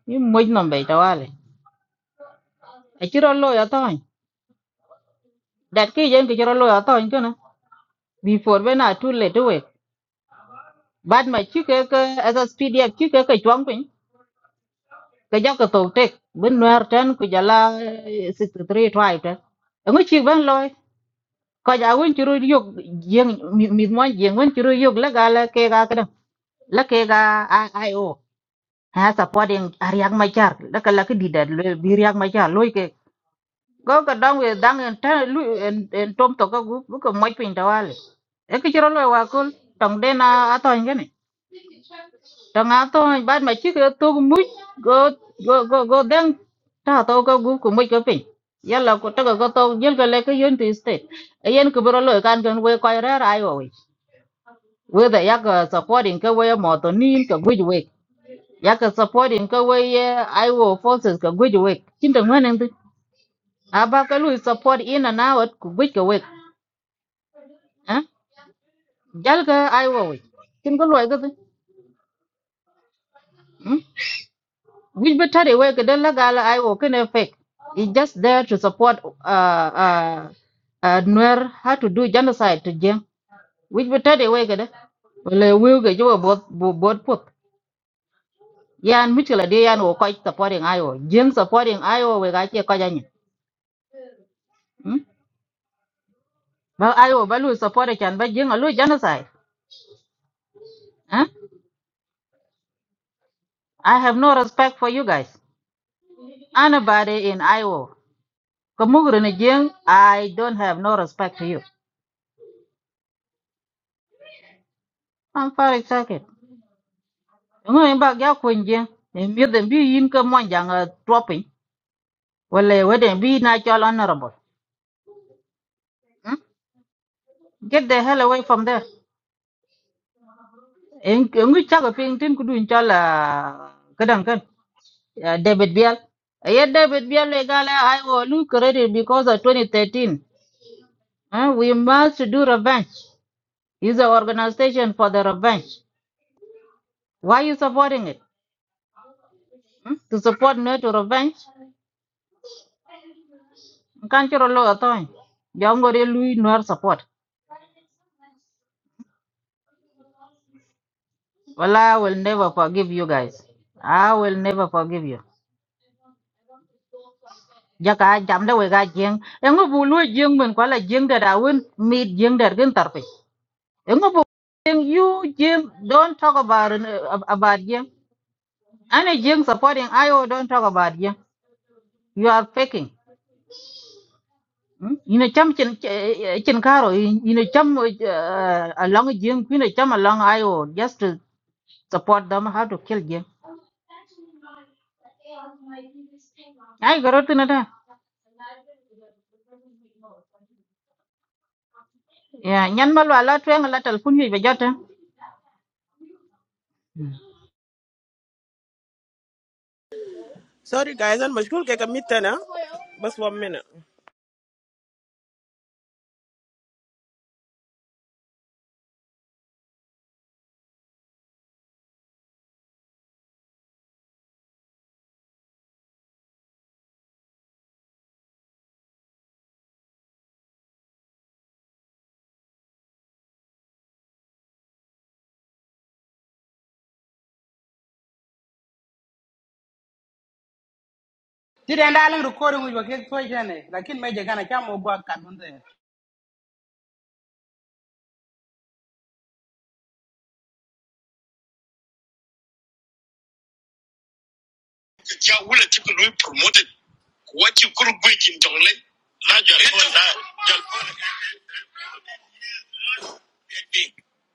Speaker 4: Ni moj nombe tawale. Achiro lo ya tony. Dat ki jen ki chiro lo ya tony kana. Before when I too late to wake. bad ma chu ke ke as a pdf chu ke ke chuang pin ke ja ke to tek bin wer ten ku jala 63 try ten ngu chi ban loy ko ja won churu yog yeng mi mo yeng won churu yog la gala ke ga kada la ke ga io ha supporting ariak ma char la ka la ke di da le bi riak ma char loy ke go ka dang we dang en ta lu en en tom to ka gu bu ko mo pin da wale e ke chiro loy wa kul tong de na atong gene Trong áo tôi bắt mà chứ cái tôi cũng mũi go go go go đang ta tôi có gu của mình cái pin. Giờ là có tôi có tôi giờ cái lấy cái yên thì stay. Yên cái bữa lời can gần quay quay ra ai rồi. Với đây yak supporting cái way mà tôi nín cái gu vậy. Yak supporting cái way ai wo forces cái gu vậy. Chính đồng nguyên anh tôi À ba cái lui support in and out của gu cái vậy. Hả? Giờ cái ai rồi. Chính có loại cái gì? which battery work the legal I work in fake. It's just there to support uh uh uh Nuer how to do genocide to Jim. Which battery work the well will get you both both put. Yeah, and Mitchell a day and quite supporting Iowa. Jim supporting Iowa we got Kajani. quite Well Iowa Balu support it and but Jim a little genocide. Huh? I have no respect for you guys. Anybody in Iowa. Kamugru ni Jim, I don't have no respect to you. I'm far excited. ngo in ba gya kun je in mi de bi yin ka mon jang a dropping wala we de bi na chol honorable hmm? get the hell away from there in ngi cha ga ping tin ku dun chol kadan kan ah, david bial yeah david bial le gala i will look credit because of 2013 huh? we must do revenge is an organization for the revenge why you supporting it hmm? to support no to revenge Can't you kan chiro lo atoy jangore lui nor support Well, I will never forgive you guys. I will never forgive you. Jaka jam da wega jeng. Engo bulu jeng men kwala jeng da dawin meet jeng da gen tarpe. Engo bu jeng you jeng don't talk about uh, about jeng. Any jeng supporting IO don't talk about jeng. You are faking. Hmm? Ina cham chin eh, eh, chin karo in- ina cham uh, along jeng ina cham along IO just to support them how to kill jeng. Ai garotina da. Yeah, nyan malwa la twen la telefon yu bejata. Hmm.
Speaker 2: Sorry guys, and mashkul keka mitana. Just one minute.
Speaker 1: Tida ndaling recording with wakik toy jane. Lakin meja kana kia mogwa kadunde. cha wule chuku lui promoted kwa chukuru gwe chintole na jalpo na jalpo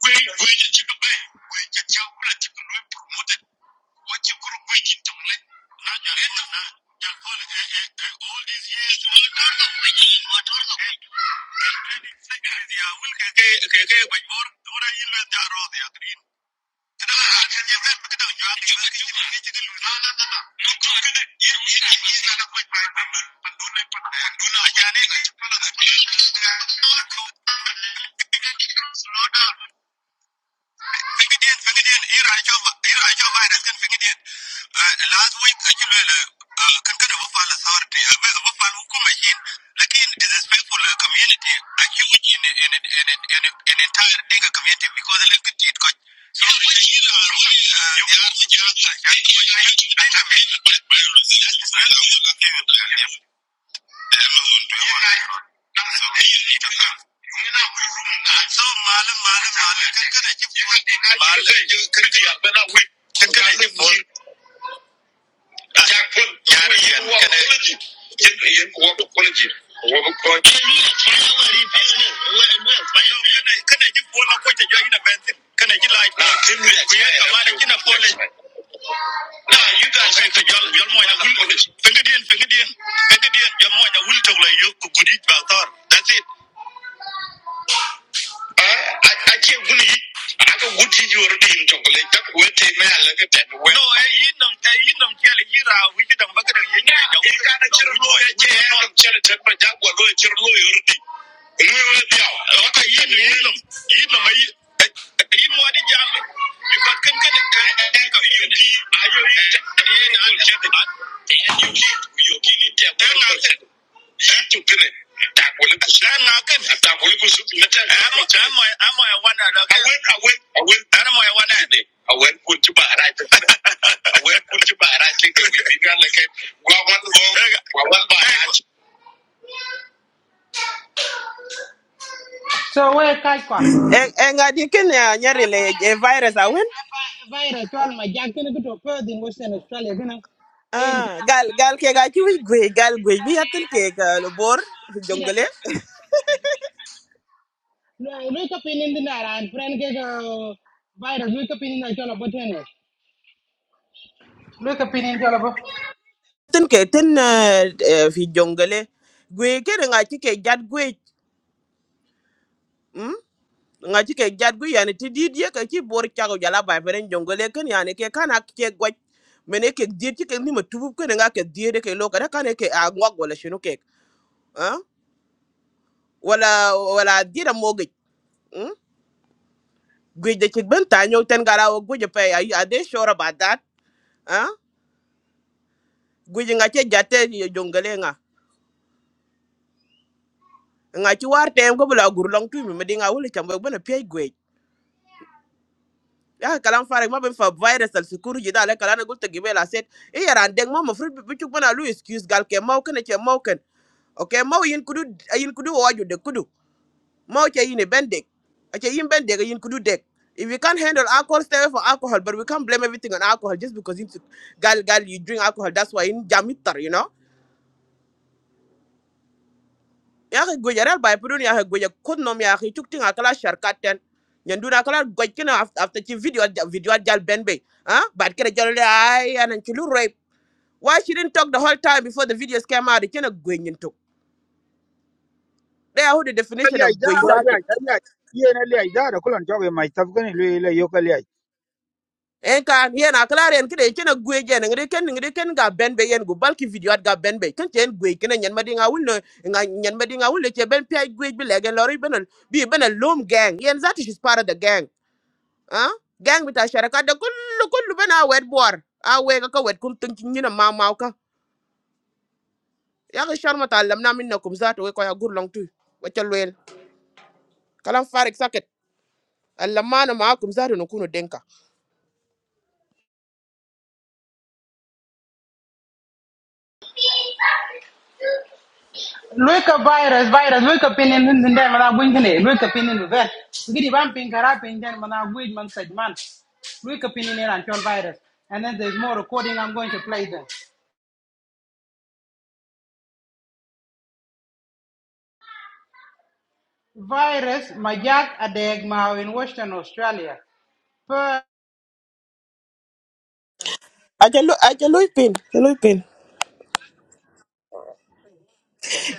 Speaker 1: gwe gwe chuku bai gwe cha wule chuku lui promoted kwa chukuru gwe chintole na jalpo na jalpo all these years motorno kwenye motorno kwenye ya wule keke keke kwa bor dora ile daro ya green Slow down. Fingidien, fingidien, ira ajo, ira ajo virus kan fingidien. Last week ajo lele kan kan abu fal authority, abu abu fal hukum ajin. Lakin is a faithful uh, community, a huge in in in in in, in entire Dinka community because the like it got. So ira ajo, ira ajo. That's it. Eh, a- ake guni aka guti jiwar din tokole ta kuwe te me ala ke te we no e yin nam e yin nam ke ala yira wi ji dan bagada yin ne da e ka da jirlo ya ke ya da chere te ma ja gwa lo jirlo yor di mu we dia o ka yin yin nam yin nam ai yin wa di jam bi ka kan kan e ka yin di ayo yin te yin an che da and you keep your kidney tap Tukunin. Takwalik Nan ma kan. Takwalik su na ta. Amo amo So we kai kwa.
Speaker 2: Enga dikin ya nyari le eh, virus awen.
Speaker 1: Vaira twal ma jak kene kuto perth in Western Australia kena. Ayen
Speaker 2: ah
Speaker 1: kena.
Speaker 2: gal gal ke ga ci wi gwe gal gwe bi atten ke ga lo bor fi jongale
Speaker 1: Lui ka pinin din ara an friend ke ka vaira lui the pinin na up boten. Lui ka pinin chola bo.
Speaker 2: ten ke ten eh, eh, fi jongale gwe ke nga ci ke jat gwe hmm nga ci ke jat gwe yani ti dit ye ka ci bor tiago jala ba feren jongale ken yani ke kana ke gwa mene ke dit ci ke ni ma tubu ke nga ke dit ke lo ka da kana ke a ngwa wala shinu ke ah wala wala dira mogi hmm gwe de ci ben ta nyaw ten gara wo gwe pe ay ade sure about that ah? guji nga che jate yo jongale nga nga ci war tem ko bula gurlong tu tumi me dinga wuli chambe bana pay gwej ya kalam fare ma ben fa virus al sukuru ji dale kala gul te gibela set e yaran deng ma mafrut bi ci bana lu excuse gal ke maw kana che maw ken okay maw yin kudu yin kudu waju de kudu maw che yin ben dek a yin bendek yin kudu dek If we can't handle alcohol, stay away from alcohol. But we can't blame everything on alcohol just because it's gal gal you drink alcohol. That's why in jamitar, you know. yaki gwej arel bai pudun yaki gwej kut nom yaki tuk ting akala sharkaten nyanduna akala gwej kina af- after chi video video ad jal ben bay ah bad kira jalo le ay anan chulu rape why she didn't talk the whole time before the videos came out kina gwej nyin tuk they are who the definition of
Speaker 7: liaj da
Speaker 2: gwej
Speaker 7: wa
Speaker 2: zato
Speaker 7: liaj da liaj yen liaj joge mai tap gani le le yo
Speaker 2: en kan yen akala ren kide kina gwej jen ngre ken ngre ken ga ben bay yen go balki video ad ga ben bay ken chen gwej kina nyan madi nga wul no nga nyan madi nga wul che ben pi gwej bi legen lori benal bi benal lom gang yen zato she's part of the gang ah gang bita sharaka da kullu kullu bana wet bor a we ga ka wet kum tin kin nyina ma ma ka ya ga sharma ta lamna minna kum zato we ko ya gurlong tu wa chalwel kalam farik saket allamana ma kum zato no kuno denka
Speaker 1: Luika virus, virus, luika pinin in the day, man, I'm winking it, luika pinin the bed. We get vamping, carapin, then when I wait, man, said, man, luika pinin in here and pure virus. And then there's more recording I'm going to play them. Virus, my jack, a dag, in Western Australia. Per
Speaker 2: ajalo ajalo pin ajalo pin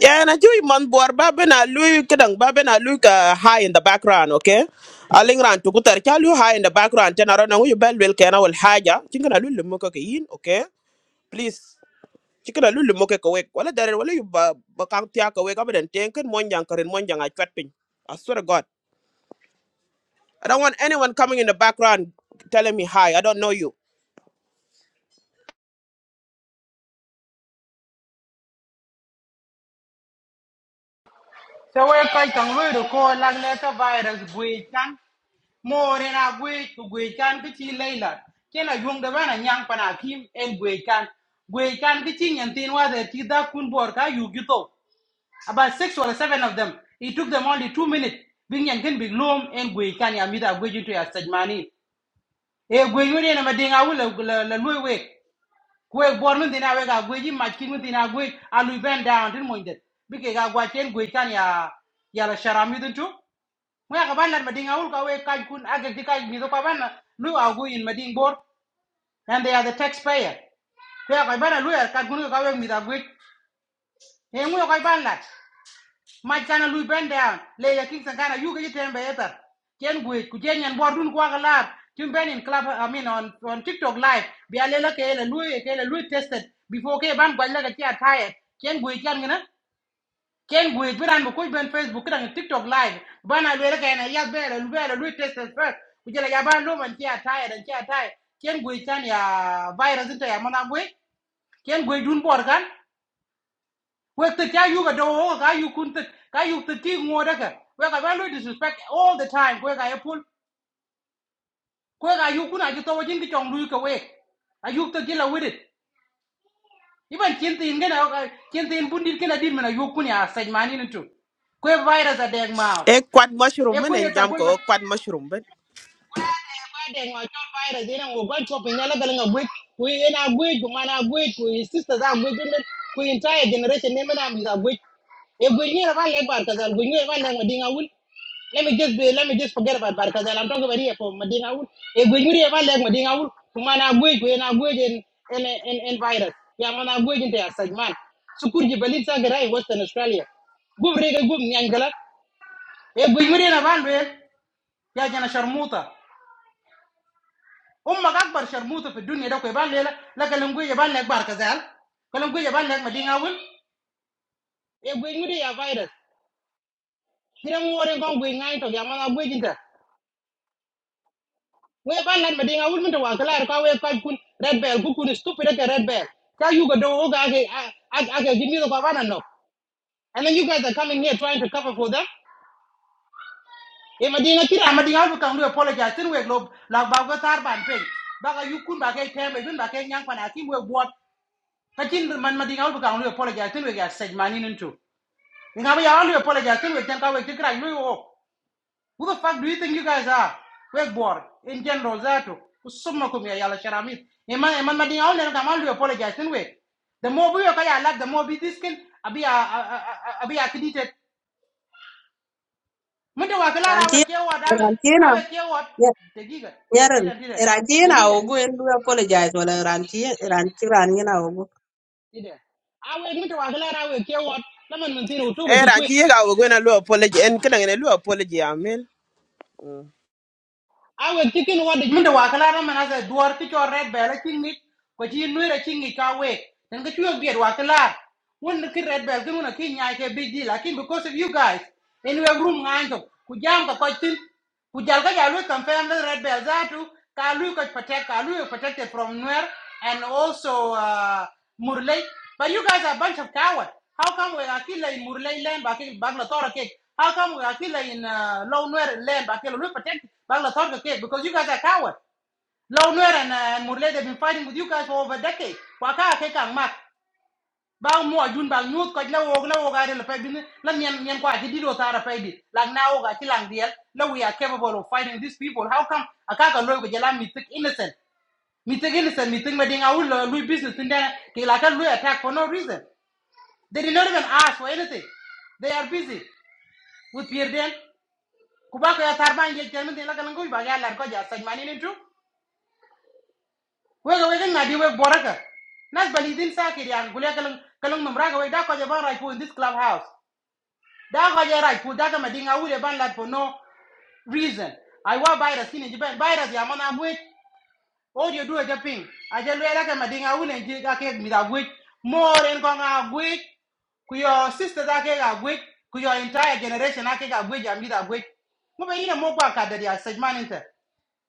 Speaker 2: ya na jui man bor ba bana lu kedang ba bana lu ka high in the background okay aling ran tu kutar ka lu high in the background tan aron ngu bel wel kana wal haja kin lu lumo ka yin okay please cikra lulu moke ko wala dare wala yu ba ba tia ko abadan ten kan mon jang karen chat pin i swear to god i don't want anyone coming in the background telling me hi i don't know you
Speaker 1: so we're quite on the call like letter virus, we can. more in a way to gwe kan ki chi leila kena yung da bana nyang pana kim en gwe kan gwe kan ki chi nyen tin wa de ti kun bor ka yu gi about six or seven of them. It took them only two minutes. Bing yang kan big loom and gwe kan ya mida gwe jinto ya sajmani. E gwe yuri na mading awul la la lui we. Gwe born din awe ga gwe jim matching din agwe alu ben down din mo indet. Bike ga gwa chen gwe kan ya ya la sharami din are Mo ya kaban la mading awul ka we kaj kun age di kaj mido kaban lu agwe in mading board and they are the taxpayer. Kaya kaban lu ya kaj kun ka we are gwe. E mo ya ma chana lui brendan le ya king sangana yu ke yitem be eta chen gwe ku chen yan bordun kwa galap tim ben in club i mean on on tiktok live bi alela ke le lui ke le lui tested before ke ban gwal la ke ataya Ken gwe chen ngana chen gwe biran bu ku ben facebook dan tiktok live bana le ke na ya be le be le lui tested first ku jela ya ban lo man ke ya tired. dan ke ataya chen gwe chan ya virus ta ya mana gwe chen gwe dun bor kan Wek the cha yuga do ho ka yu kun te ka yu te ti ngo da ka. Wek ka ba lu disrespect all the time. Wek ka epul. Wek ka yu kun a ji to wa jin ki chong lu ka wek. A yu te gila with it. Iban chin tin ngena ka chin tin bun dir kena dir mena yu kun ya sej mani nitu. Kwe virus a deg ma.
Speaker 2: Eh, quad mushroom
Speaker 1: E
Speaker 2: man en
Speaker 1: kwe ta
Speaker 2: jam
Speaker 1: kwe
Speaker 2: ko kwat mushroom ben
Speaker 1: Friday, my God, Friday, you know, we're going shopping. You're not going to open another building of week. We in our week, we man, our week, we sisters, our week, we entire generation, name and I'm our week. If we knew about like Barkazal, we knew about like Madinga Wood. Let me just be, let me just forget about Barkazal. I'm talking about here for Madinga Wood. If we knew about like Madinga Wood, we man, our week, we in our week in, in, in, in virus. Yeah, man, our week in there, such man. Sukurji Belitza Garai, Western Australia. Gum Rega Gum Nyangala. If we knew about it, yeah, Jana Sharmuta ummak akbar sharmuta fi dunya da ko ban lela la galan gwe ban lek bar kazal galan gwe ban lek madinga wul e gwe ngudi ya virus kire mu wore kon gwe ngai to ya mana gwe jinta gwe ban lek madinga wul mun to wa kala ka we ka kun red bell ku kun stupid ka red bell ka you go do o ga ga ga give no and then you guys are coming here trying to cover for them e madinga kira madinga wul kan lu apologize tin we lo la ba go tar ban pe ba ga you kun ba ga tem e bin ba ga nyang pa na ki we bot kachin man ma dinga ulbu kang lu apologize tin we ga sej manin into dinga ba ya lu apologize tin we tan ka we tikra lu who the fuck do you think you guys are we bor in general zato kusumma kum ya yala sharamit iman iman ma dinga ulen ka man lu apologize tin we the more we are ya lak the more be this kin abi a abi a kiditet mun da wa kala ra
Speaker 3: Tanti,
Speaker 1: we ke wa da we
Speaker 3: Rantina,
Speaker 1: awe ke wa dagiga
Speaker 3: Nyaran,
Speaker 1: didan didan
Speaker 3: Rantina
Speaker 1: dagiga
Speaker 3: ogu, and we apologize, wala Rantina, Rantina, Rantina ogu.
Speaker 1: didan awe mun da wa kala ra we ke wa laman mun tin utu
Speaker 2: e ran
Speaker 1: ga
Speaker 2: ci yega wo gena lu apology en kan ngene lu apology amel
Speaker 1: I was thinking what the Munda wa kala ran mana sa duwar ki cho red bell ching nit ko chi nu ra ching ni ka we. Then ka chuo biet wa kala. Won ki red bell ki muna ki nyai ke big deal. Lakin because of you guys, in we have room ngan to ku jam ka ko tin. confirm the red bell za tu ka protect ka lu protected from where and also uh, Murley. But you guys are a bunch of cowards. How come we are killing in Murley land back in Baglatora cake? How come we are killing in uh, Low Nuer land back in Lupa protect Banglatora cake? Because you guys are cowards. Lowner and, uh, and Murley, they've been fighting with you guys for over a decade. Waka cake and mat. Bang mo jun bang nyut ko la wog la wog ari la pay bin la nyen nyen ko ati dido tara pay di lang na wog ati lang diel la we are capable of fighting these people how come akaka loy ko jala mi tik innocent Meeting innocent, meeting meeting our Louis business in there, they like a Louis attack for no reason. They did not even ask for anything. They are busy with Pierre Den. Kubako ya tarba inge jamin de la kalangu ba ya lar ko ja saj mani nintu. Wega wega na di boraka. Nas balidin sa ke ya gulia kalang kalang numra ga wega ko ja ban right for in this clubhouse. Da ko ja right foot da ka madinga ule ban lad for no reason. I wa virus kini jiban virus the mana muet All you do is jumping. ping. I just wear like a mading. I will enjoy that cake with a witch. More in Kong a witch. Ku your sister that cake a witch. Ku your entire generation that cake a witch. I'm with a witch. Mo be ina mo kwa kadet ya sej man inte.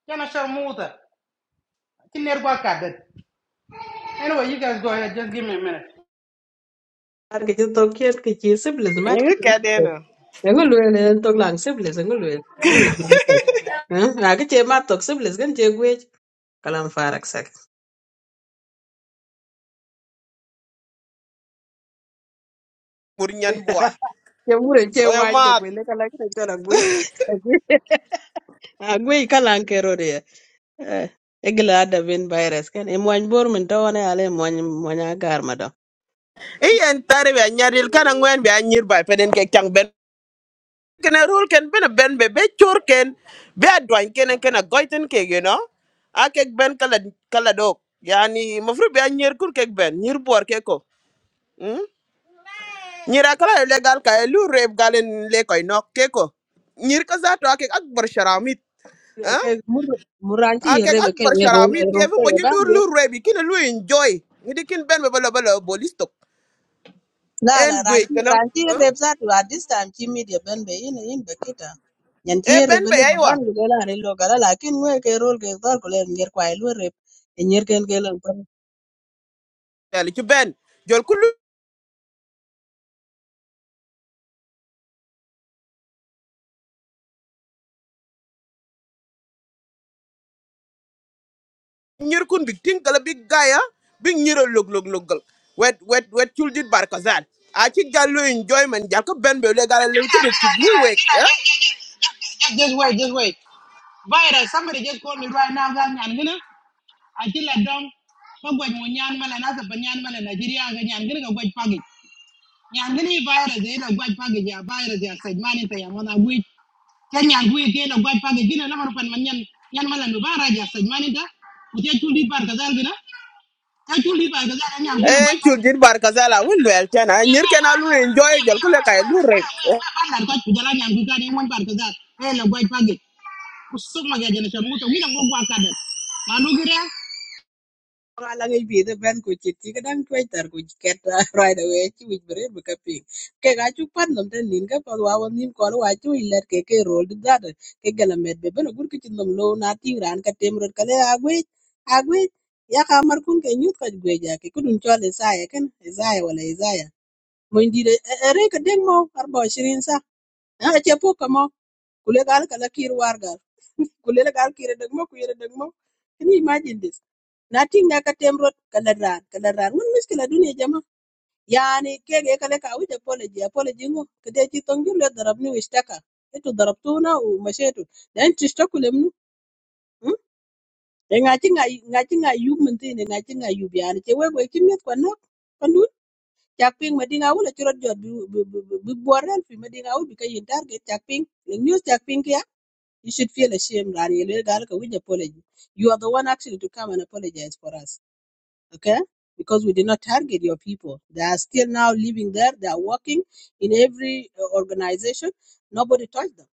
Speaker 1: Yana shar mo uta. Tiner kwa kadet. Anyway, you guys go ahead. Just give me a minute.
Speaker 3: An ki ci tok yet ki ci siblis mat ki
Speaker 2: ni ka deno
Speaker 3: ngu luel en tok lang siblis ngu luel ngu wij bi ngu tok ha ki ce mat tok siblis gan ce gwej kalam farak sak
Speaker 2: pur nyan buar
Speaker 3: ce mure ce
Speaker 2: lo yo
Speaker 3: wany tok
Speaker 2: mat
Speaker 3: wele kala ki ce na gwej a gwej kalan kero de Eh, igila ada bin virus kan e mwany bor min tawane ale mwany mwanya gar mado
Speaker 2: Eh, en tare be nyaril kan ngwen be nyir ba peden ke chang ben kene rule ken bene ben be be chor ken be adwan kene kene goiten ke you know a kek ben kala kala dok yani mafru be anyer kur kek ben nyir bor ke ko mm? nyira kala legal ka e lu rep galen le koy nok ke ko nyir ka zato a kek akbar sharamit eh?
Speaker 3: ke mur muranchi
Speaker 2: a kek
Speaker 3: rebe ke
Speaker 2: akbar
Speaker 3: e rol e
Speaker 2: sharamit ke fu
Speaker 3: ke
Speaker 2: moji
Speaker 3: ba
Speaker 2: lu lur rebi kine lu enjoy ngidi kin ben be bala bala bolistok
Speaker 3: La la
Speaker 2: en gwe
Speaker 3: ranchi
Speaker 2: kana
Speaker 3: ranchi
Speaker 2: eh?
Speaker 3: rep za at this time chi media ben be in in be kita. Nyan chi
Speaker 2: e
Speaker 3: rep
Speaker 2: ben be
Speaker 3: le
Speaker 2: aywa
Speaker 3: bukan gule la re lo gala lakin ngwe ke rol ke dor gule nyer kwa lo rep e nyer ken ke lo pan.
Speaker 2: yali ci ben jol kulu nyir kun big tin kala big gaya big nyiro log log log gal. wet wet wet chul dit bar kazan a ci gallo enjoyment jal ko ben be le gala len ke de ci
Speaker 1: Just,
Speaker 2: lu wek eh
Speaker 1: just, wait, just wait. Virus, somebody just called me right now. I'm gonna until I don't. Ko gwej mo nyan mala to pa nyan mala Nigeria ga nyan gina ga Nyangini virus ina gwaj pagi ya virus ya sajmani ta ya mona gwaj. Ken nyan gwaj ke ina gwaj pagi gina na harupan man nyan nyan mala nubara ya sajmani ta. Utia chuli par kazal gina. Ta chuli par kazal ya nyan gwaj na
Speaker 2: Eh,
Speaker 1: gwaj
Speaker 2: chul
Speaker 1: pagi.
Speaker 2: dit bar kazan la wul wel tan a nyir ken a lu enjoy jal ko le kay lu rep
Speaker 1: Ma par lar gwaj The nyan gwaj kani mon par kazal. Eh na gwaj pagi. Kusuma ya jana shamuto mina ngogwa kada. Manugire.
Speaker 3: Nga la ngi bi de ben ku chi ti kadang tu tar ku ket right away chi wich bere be ka pi. Ke ga chu pan nom ten nin ka pa wa won nin ko wa chu i let ke ke rol di da ke gala med be ben gur ki chi nom lo na ti ran ka tem rot ka le agwe agwe ya ka mar kun ke nyut ka gwe ja ke kudun chole sa ya ken Isaiah wala Isaiah. Mwendire ere ka deng mo arba shirin sa. Na che po kamo kule gal kala kir war gal. Kule la gal kire deng mo kire deng mo. Can you imagine this? nothing ting na ka tem rot kala rar kala rar. Mun miskila dunia jama. Yani kege kale ka wit apology apology ngo kede chi tongi le darabni wishtaka. Etu darabtuna u mashetu. Dan tishtaku lemnu. Hmm? E ngachi ngayi ngachi ngayi yub mintine ngachi ngayi yub yani che wegwe kimyet kwa nok cak piŋ medi ŋawul acï rot jö bï bor ën pï medi ŋawul bï ka target cak The news cak piŋ kïa you should feel ashamed rani elwel gal ka wic apology you are the one actually to come and apologize for us okay because we did not target your people they are still now living there they are working in every uh, organization nobody touched them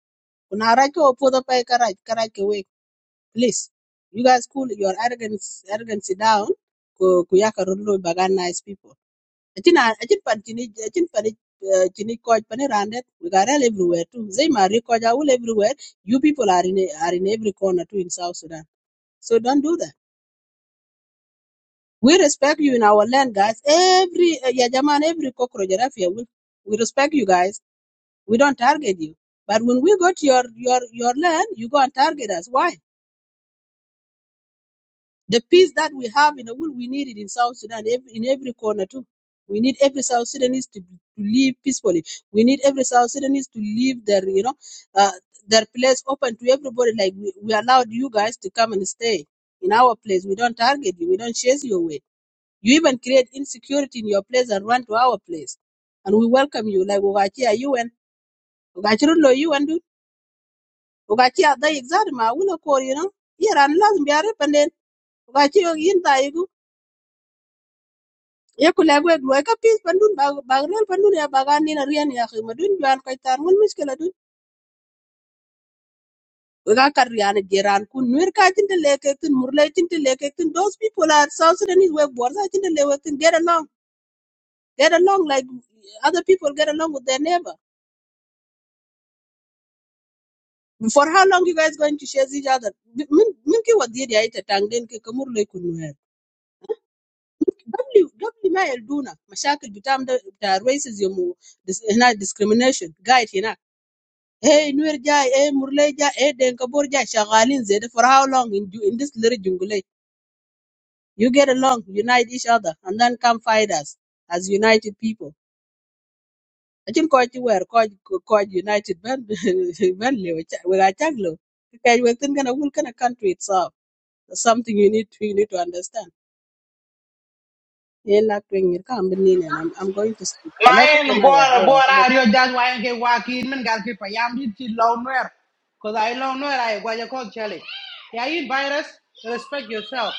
Speaker 3: kuna raj ko opodho pa ka raj ka raj ke wek please you guys cool your arrogance arrogance down ku ku yaka rot lo nice people Achin a- achin pan chini achin pan eh, chini coach pani randet. We got all everywhere too. Zay Mari coach I will everywhere. You people are in a- are in every corner too in South Sudan. So don't do that. We respect you in our land, guys. Every eh, yeah, Jaman, every cockroach around here, we we respect you guys. We don't target you. But when we go to your your your land, you go and target us. Why? The peace that we have in the world, we need it in South Sudan, ev- in every corner too. We need every South Sudanese to, to live peacefully. We need every South Sudanese to leave their, you know, uh, their place open to everybody. Like we, we allowed you guys to come and stay in our place. We don't target you. We don't chase you away. You even create insecurity in your place and run to our place, and we welcome you. Like Ugachi, you and Ugachi, you and Ugachi, they exactly ma, we no call you know. Here and last, be a rep and then Ugachi, Yin ye ku lek wek luwai ka pis pan dun bak bak lol pan dun ya bakan nina rian ya khi madun juan kai tar mun miskela dun we ka kar rian jeran ku nuer ka tin de lek tin murle tin de lek tin those people are south sudanese we bor sa tin de lek tin get along get along like other people get along with their neighbor for how long you guys going to chase each other min min ki wadi ya ita tangen ke kamur le ku nuer w w ma yel duna mashakil bitam da da racism و dis- هنا discrimination guide هناك Hey, Nuer Jai, hey, Murle Jai, hey, Denkabur Jai, Shagalin Zed, for how long in, ju- in this little jungle? eh? You get along, unite each other, and then come fight us as united people. I think quite you were quite quite united, Ben, Ben, we are Chaglo. Because we're thinking of what kind of country it's up. That's something you need to, you need to understand. Yeah, like when you come, Benin, and I'm, I'm going to sleep. Like, okay,
Speaker 1: Main
Speaker 3: now, yeah,
Speaker 1: bora
Speaker 3: yeah,
Speaker 1: bora ario jas wayan ke wakin men gal ke payam dit ti low nuer. Cause I low nuer I guaya kok chale. Yeah, you virus, respect yourself.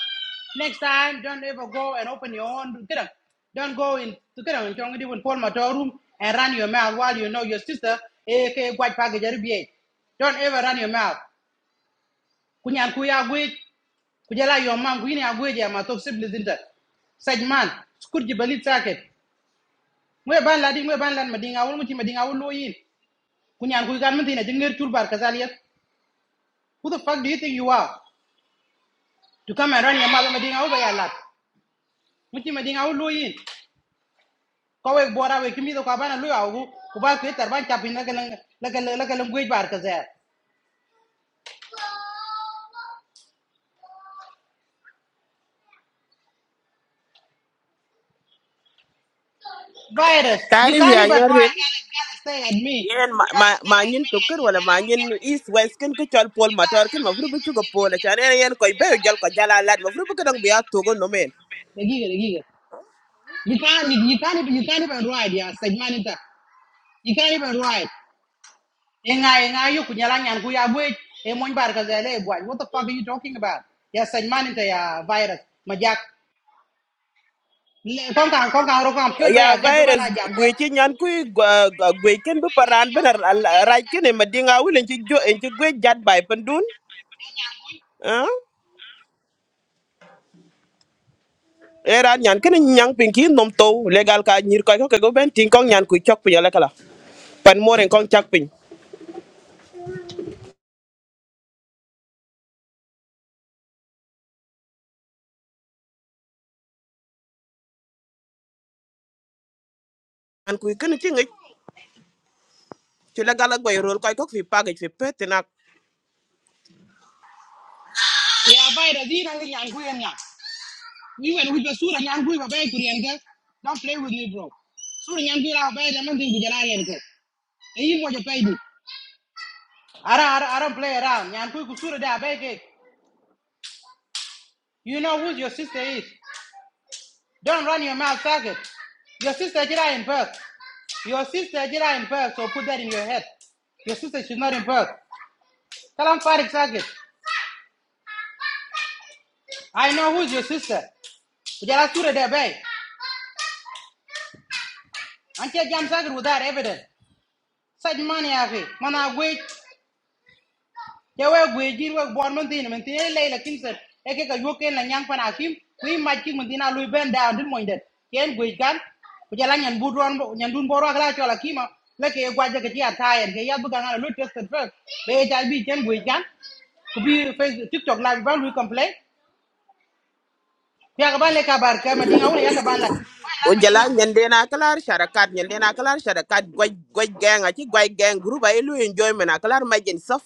Speaker 1: Next time, don't ever go and open your own. Get up. Don't go in. To get up in chong di Paul Mator room and run your mouth while you know your sister. Eke guaj package RBA. Don't ever run your mouth. Kunyan kuya guij. Kujala your mom kuini agwej ya matok sibli zinta. Sajman, skurji balit saket ngwe ban ladi ngwe ban lan madinga wol muti madinga wol loyin kunyan kuy gan mutina jengger chul kazaliyat who the fuck do you think you are to come and run your mother madinga wol bayalat muti madinga wol loyin ko we bora we kimi do ka bana lu awu ku ba ke tar ban chapin lagal lagal lagal ngwe bar kazal virus you
Speaker 2: tarif
Speaker 1: can't
Speaker 2: ya
Speaker 1: even
Speaker 2: nyaril
Speaker 1: ride girl is gonna stay at me
Speaker 2: yen ma ma ma nyin to kër wala ma nyin east west ken ko chol pol motor ken ma furu bu ci ko pol tan yen koy be jal ko jala lad ma furu bu ko dang biya to go no men
Speaker 1: the giga the giga you can't you, you can't even you can't even ride yeah segmenta you can't even ride Inga inga kunyala nyan kuya bwe e mon bar ka zele bwa. What the fuck are you talking about? Ya sen man into ya virus. Majak kon kan kon kan ro kan pyo ba
Speaker 2: ya
Speaker 1: ya gat ba na
Speaker 2: virus
Speaker 1: jam de.
Speaker 2: gweche nyan ku gwechen bu paran ben raj kene madinga wulen en ci jo en ci gwe jat bay pandun ah era nyan kene nyang pinki nom to legal ka nyir ko ko ko ben tin kong nyan ku chok pinya la kala pan moren kong chak pin an ku kene ci ngi ci legal ak bay rol ko ko fi pagaj fi pet
Speaker 1: Ya virus ina ngi nyan kuya nyan. Ni wen wi ba sura nyan kuya ba ku yen ga. Don't play with me bro. Sura nyan kuya ba ya man din gujala yen ke. E yi mo jo pay di. Ara ara ara play around. Nyan kuya ku sura da ba ke. You know who your sister is. Don't run your mouth, faggot. Your sister Jira in birth. Your sister Jira in birth, so put that in your head. Your sister, she's not in birth. Tell him Farid Saget. I know who's your sister. But there, Jira Sura Debe. Until Jam Saget without evidence. Such money, Avi. Man, I wait. ke we gwe jir we bon man tin man tin le la kin se e ke ka yo ken la nyang pana kim wi ma ki man tin a lu ben da din moy det ken gwe gan ku jala nyan bu don nyan dun boro ala chola kima la ke gwa ja ke ti ataya ke ya bu ga na lu test first be e jal bi ken gwe gan ku bi facebook tiktok la ba lu complain ya ka ban le ka bar ka ma dinga wala ya ka ban la ma la
Speaker 2: o
Speaker 1: ma dinga
Speaker 2: jala
Speaker 1: wala
Speaker 2: nyandena kalar sharakat nyandena kalar sharakat goj goj gang achi goj gang group ay lu enjoyment akalar majen saf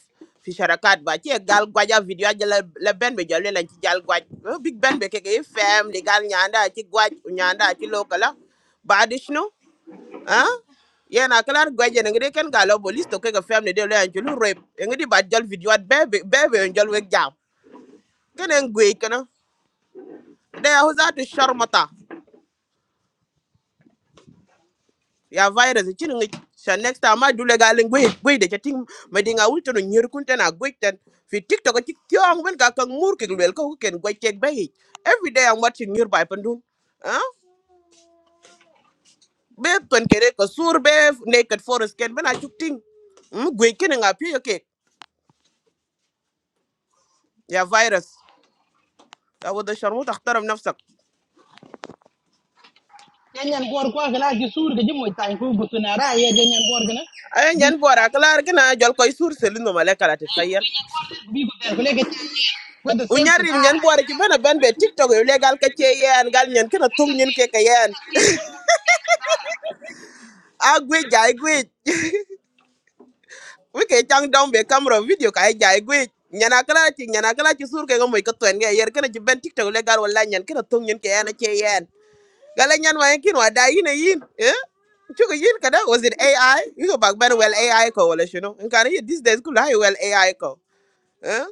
Speaker 2: fi sharakat ba chi gal gwaja video jala la la ben be jale lan ci jal gwaj Eh, big ben be keke fam li gal nyanda ci gwaj nyanda ci lokala ba dishno ha yena kalar gwaje ngade ken galo bolis to keke fam ne de lan ci lu rep ngadi ba jal video at be be be jal wek jam kenen gwe kana de hozatu sharmata ya virus chin ngi sha next time ma dule ga ling gwe gwe de chating ma dinga wul to nyir kun tena gwe ten fi tiktok ci kyong ben ga kan mur ke lel ko ken gwe tek bay every day i'm watching nyir by pandun ah be ton kere ko sur be naked forest ken ben a chuk ting mm gwe ken nga pi ke ya virus ta wada sharmu takhtaram nafsak
Speaker 1: ken nyan bor ko ala ki sur ke jimoy tan ku gutuna ra ye ken nyan bor gana
Speaker 2: ay
Speaker 1: bi
Speaker 2: nyan bora klar kina jol koy sur selino malaka la tkhayal
Speaker 1: bi ku der ko le ke with the
Speaker 2: u
Speaker 1: same
Speaker 2: nyarri nyan bora ci bena ben be tiktok yo legal ka ci yen gal nyan kina tung nyen ke ka yen agwej we wike chang down be camera video ka ja agwej nyana kala ti nyana kala ti sur ke go moy ko ten ge yer kana ci ben tiktok le gar wala nyan kana tong nyen ke yana che yen gala nyan wa kin wa da yin e yin eh chugo yin kada was it ai you go back ben well ai ko wala shuno in ye these days kula hi well ai ko eh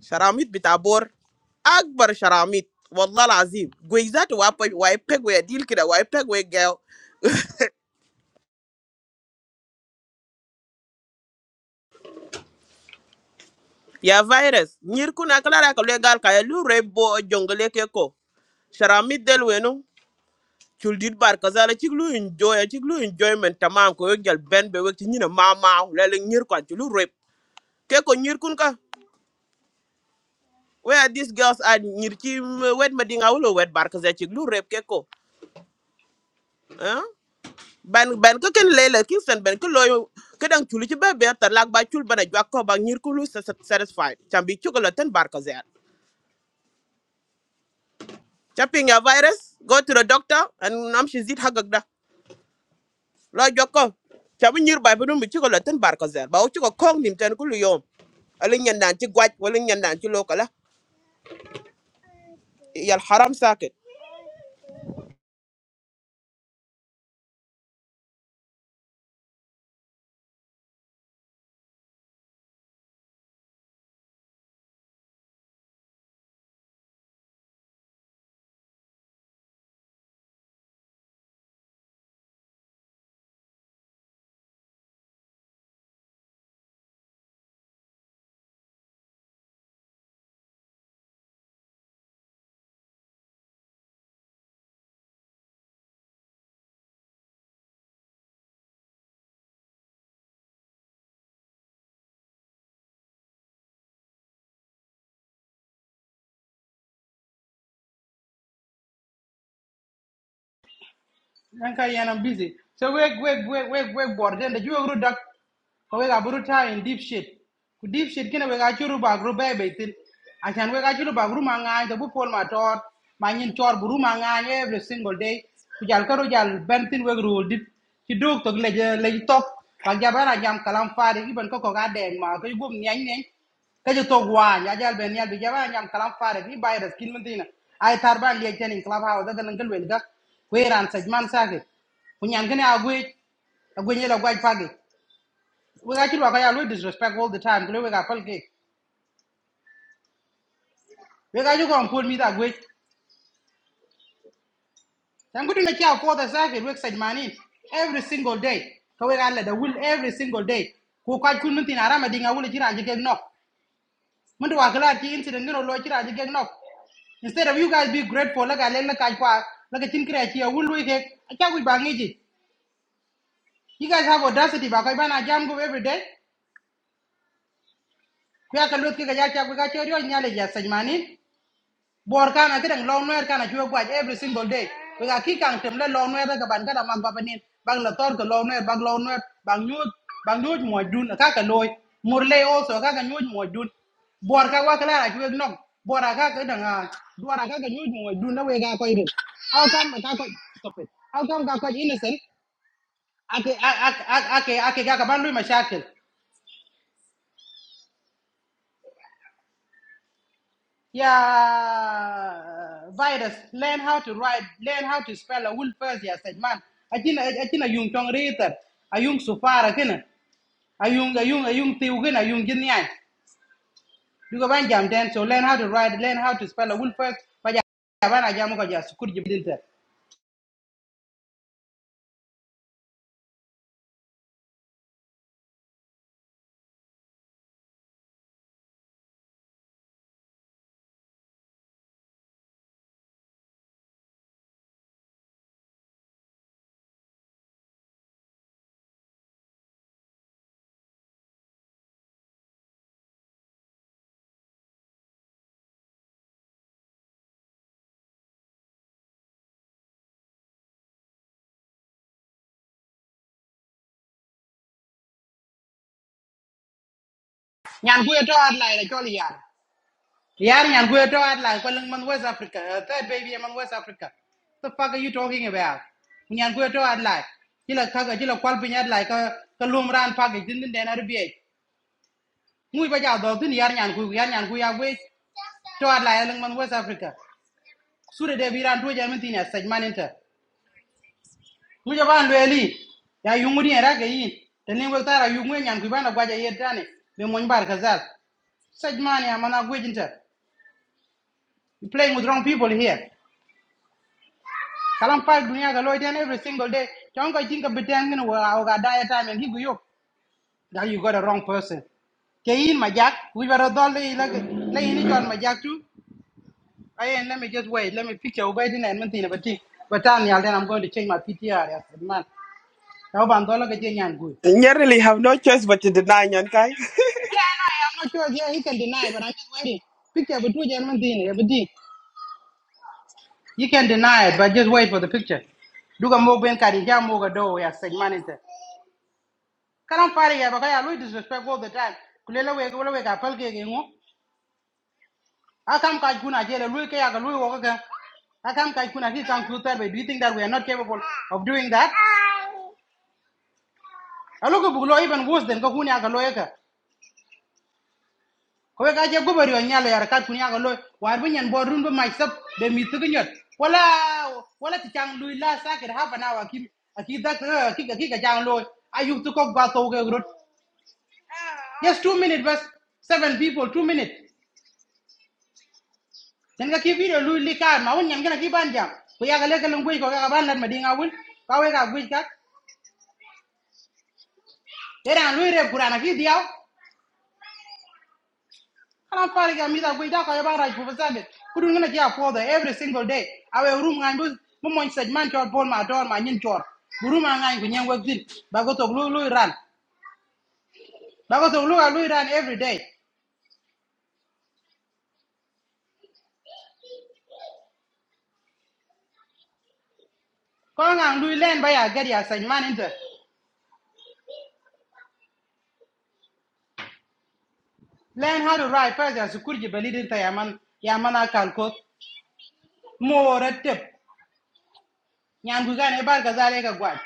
Speaker 2: sharamit bitabor akbar sharamit والله العظيم جويزات واي بيج واي بيج ويا ديل كده واي بيج ويا ya virus nyir kuna klara ka legal ka lu rebo jongle ke ko sharamit del wenu chuldit bar kazala chiglu enjoy chiglu enjoyment tamam ko yel ben be wek nyina mama lele nyir kwa chulu rep ke ko nyir kun ka where these girls are nyir chi m- wet madinga wulo wet bar kazala chiglu rep ke ko eh? ban ban ko ken lele kingston ben ko loyo kedang chulu chi be be tar lak ba chul bana jwa ko ba nyir kulu satisfied chambi chukola ten bar Chopping your virus, go to the doctor, and nam shi zit hagag da. La joko. Chabu nyir bai bunum bi chiko latin bar kazer. zer. Ba u kong nim ten kulu yom. Alin yan nan chi gwaj, walin yan nan chi lokala. Yal haram sakit.
Speaker 1: Yanka yan I'm busy. So we we we we we board then the you group duck ko we gaburu ta in deep shit. Ku deep shit kina we ga churu ba group be be tin. Achan we ga churu ba group manga to bu pol ma tor ma nyin tor group manga every single day. Ku jal karo jal bentin we group dip. Ki duk to le le top. Ba ja bara jam kalam faade iban ko ko ga deng ma ko gum nyen nyen ka ji tok waan ya jal ben yal bi jaba nyam kalam fare bi bay res kin mentina ay tarban le ten in club house da nan galwen ga we ran saj man sake ku nyam gane agwe agwe ne la gwaj pagi we ga ti ba ka disrespect all the time kule we ga pal ke we ga ju ko ampol mi da gwe tan gudu na ki a for the sake we saj manin every single day ka we ga la da will every single day ku ka kun mentina rama dinga I will je ke no Mundu wakala ti incident ngino lo chira ajige nok. Instead of you guys be grateful like aleng like kaipa like chin kre chi awul we ke acha ku bangi ji. You guys have audacity ba kai bana jam go every day. Ku ya kalot ke ga ya cha ku ga chori o nyale ya sajmani. bor kana kedang long noer kana chwe gwaj every single day we ga ki kang temle long noer ga ban kada mag babanin bang la tor ga long noer bang long noer bang nyut bang nyut mo dun ka ka loy murle also ka ka nyut mo dun bor ka wa kala chwe nok bor ka ka dang a dwar ka ka nyut mo dun na we ga ko ire how come ka ko stop it how come ka ko innocent ake ake ake ake ga ka ban lui mashakil Yeah, virus. Learn how to write. Learn how to spell a word first. Yeah, said man. Akin akin ayung chong reader. Ayung supara kena. Ayung ayung ayung tiu kena. Ayung gini ay. Duga ban jam ten. So learn how to write. Learn how to spell a word first. Baja ban ajam ko jas. Kur jibin ter. Nyan kuya to adlai na choli yar. Yari and we're tired like well man West Africa, a third baby man West Africa. The fuck are you talking about? When you're going to add like, you know, Kaka, you know, Qualpin had like a Kalum package, didn't then RBA. Move by out of the Yarn and Gu, Yarn are ways to add like Ellen man West Africa. Sure, they be ran to Germany as such man enter. Muja van really. Ya yungudi and Ragain. The name was that you win and Gubana Guaja Yetani, the Monbar Kazal. Such money, I'm not waiting. You're playing with wrong people here. kalam pal dunia ga loy every single day ton I think a ngin wa o ga daya time and gigu yo that you got a wrong person ke in majak we were dol like la le ni jon majak tu ay let me just wait let me picture Over din and mentin but but tan yal then i'm going to change my ptr yes man now ban dol ga je nyan gu
Speaker 2: Nyerili have no choice but to deny nyan
Speaker 1: i'm not sure yeah he can deny but i'm just waiting picture but two gentlemen mentin ya beti you can deny it but just wait for the picture duga mo ben kadi ja mo ga do ya segment inte. kalam fare ya baka ya lui disrespect all the time kulela we kulela we ka pel ke ke ngo akam ka kuna jele lui ke ya ka lui wo ka akam ka kuna ki kan ku terbe do you think that we are not capable of doing that alo ko bulo even worse than ka kunya ka loye ka ko we ka je go bari on nyalo yar ka kunya ka loye war bu nyen bo rundo mai sab be mi tu nyot wala wala ti chang lui la sakir half an hour ki ki dak ki ki ka chang loye ayu tu ko ba to ke rut just 2 minutes bas seven people 2 minutes sen ga ki video lu li ka kibi do lui likar ma won nyam gana ki ban jam ku ya ga le kalun gui ko ga ban lat ma dinga wul ka we ga gui ka era lu re kurana ki diaw kalam fari ga mi da gui da ka ya ban raj ku fasade ku dun gana ki a podo every single day awe room ngan bu mo mon sej man chor bol ma dor ma nyin chor buru ma ngan ku nyen wagdin ba go to lu lu ran ba go to lu ga lu ran every day ko ngan lu len ba ya gari ya sej man inte learn how to ride first as kurji balidin ta yaman yamana kalko mo tip. Nyangugan about Gazaleka Guad.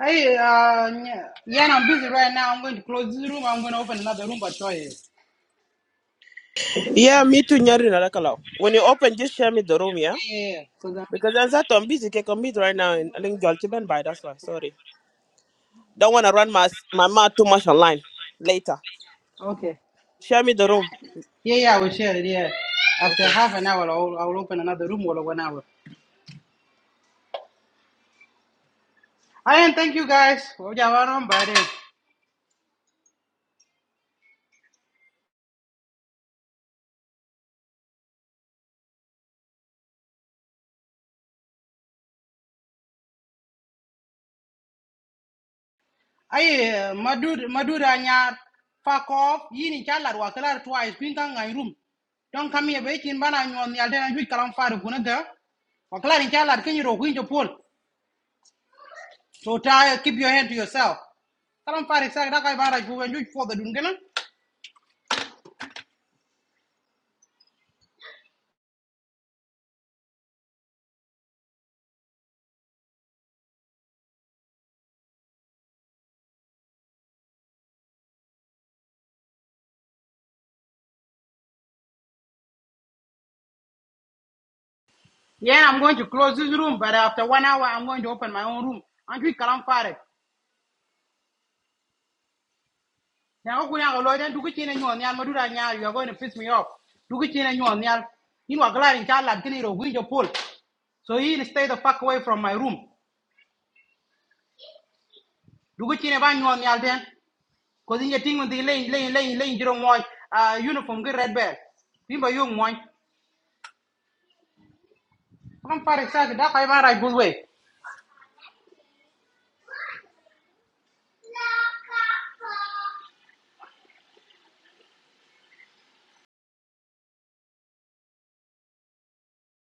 Speaker 1: I uh yeah, I'm busy right now. I'm going to close this room. I'm gonna open another room, but try it.
Speaker 2: Yeah, me too nyerili na When you open, just share me the room, yeah?
Speaker 1: Yeah, yeah, yeah. Cause I'm busy.
Speaker 2: Because I'm that I'm busy, I'm busy right now, and alin jol chiben bai, that's why, sorry. Don't want to run my, my mouth too much online. Later.
Speaker 1: Okay.
Speaker 2: Share me the room.
Speaker 1: Yeah, yeah, I will share it. Yeah. After
Speaker 2: Okay.
Speaker 1: half an hour, I'll, I'll open another room or one hour. I and thank you guys. Ojawaron bare. I madud maduda nyar fuck off. Yini chala. wakalar twice. Pinka ngai room. Don't come here. Waiting bana nyon yalden and you kalam faru kunada. Wakalar in chalar kenyi ro kunjo pol. So tired. keep your hand to yourself. Kalam Farik Sak Dakai Baraj who when you for the Dungan. Yeah, I'm going to close this room, but after one hour I'm going to open my own room. And you Kalam Farik. Now Kuya Lloyd and Dukichina and you on the you're going to piss me off. Dukichina and you on the Al you are glad in child like Ginero window pull. So he stay the fuck away from my room. Dukichina ban you on the Alden. Cause in your thing with the lane, lane, lane, lane, you don't want uh uniform, good red bear. Remember you one. Kalam Farik Sak Dakai Baraj good way.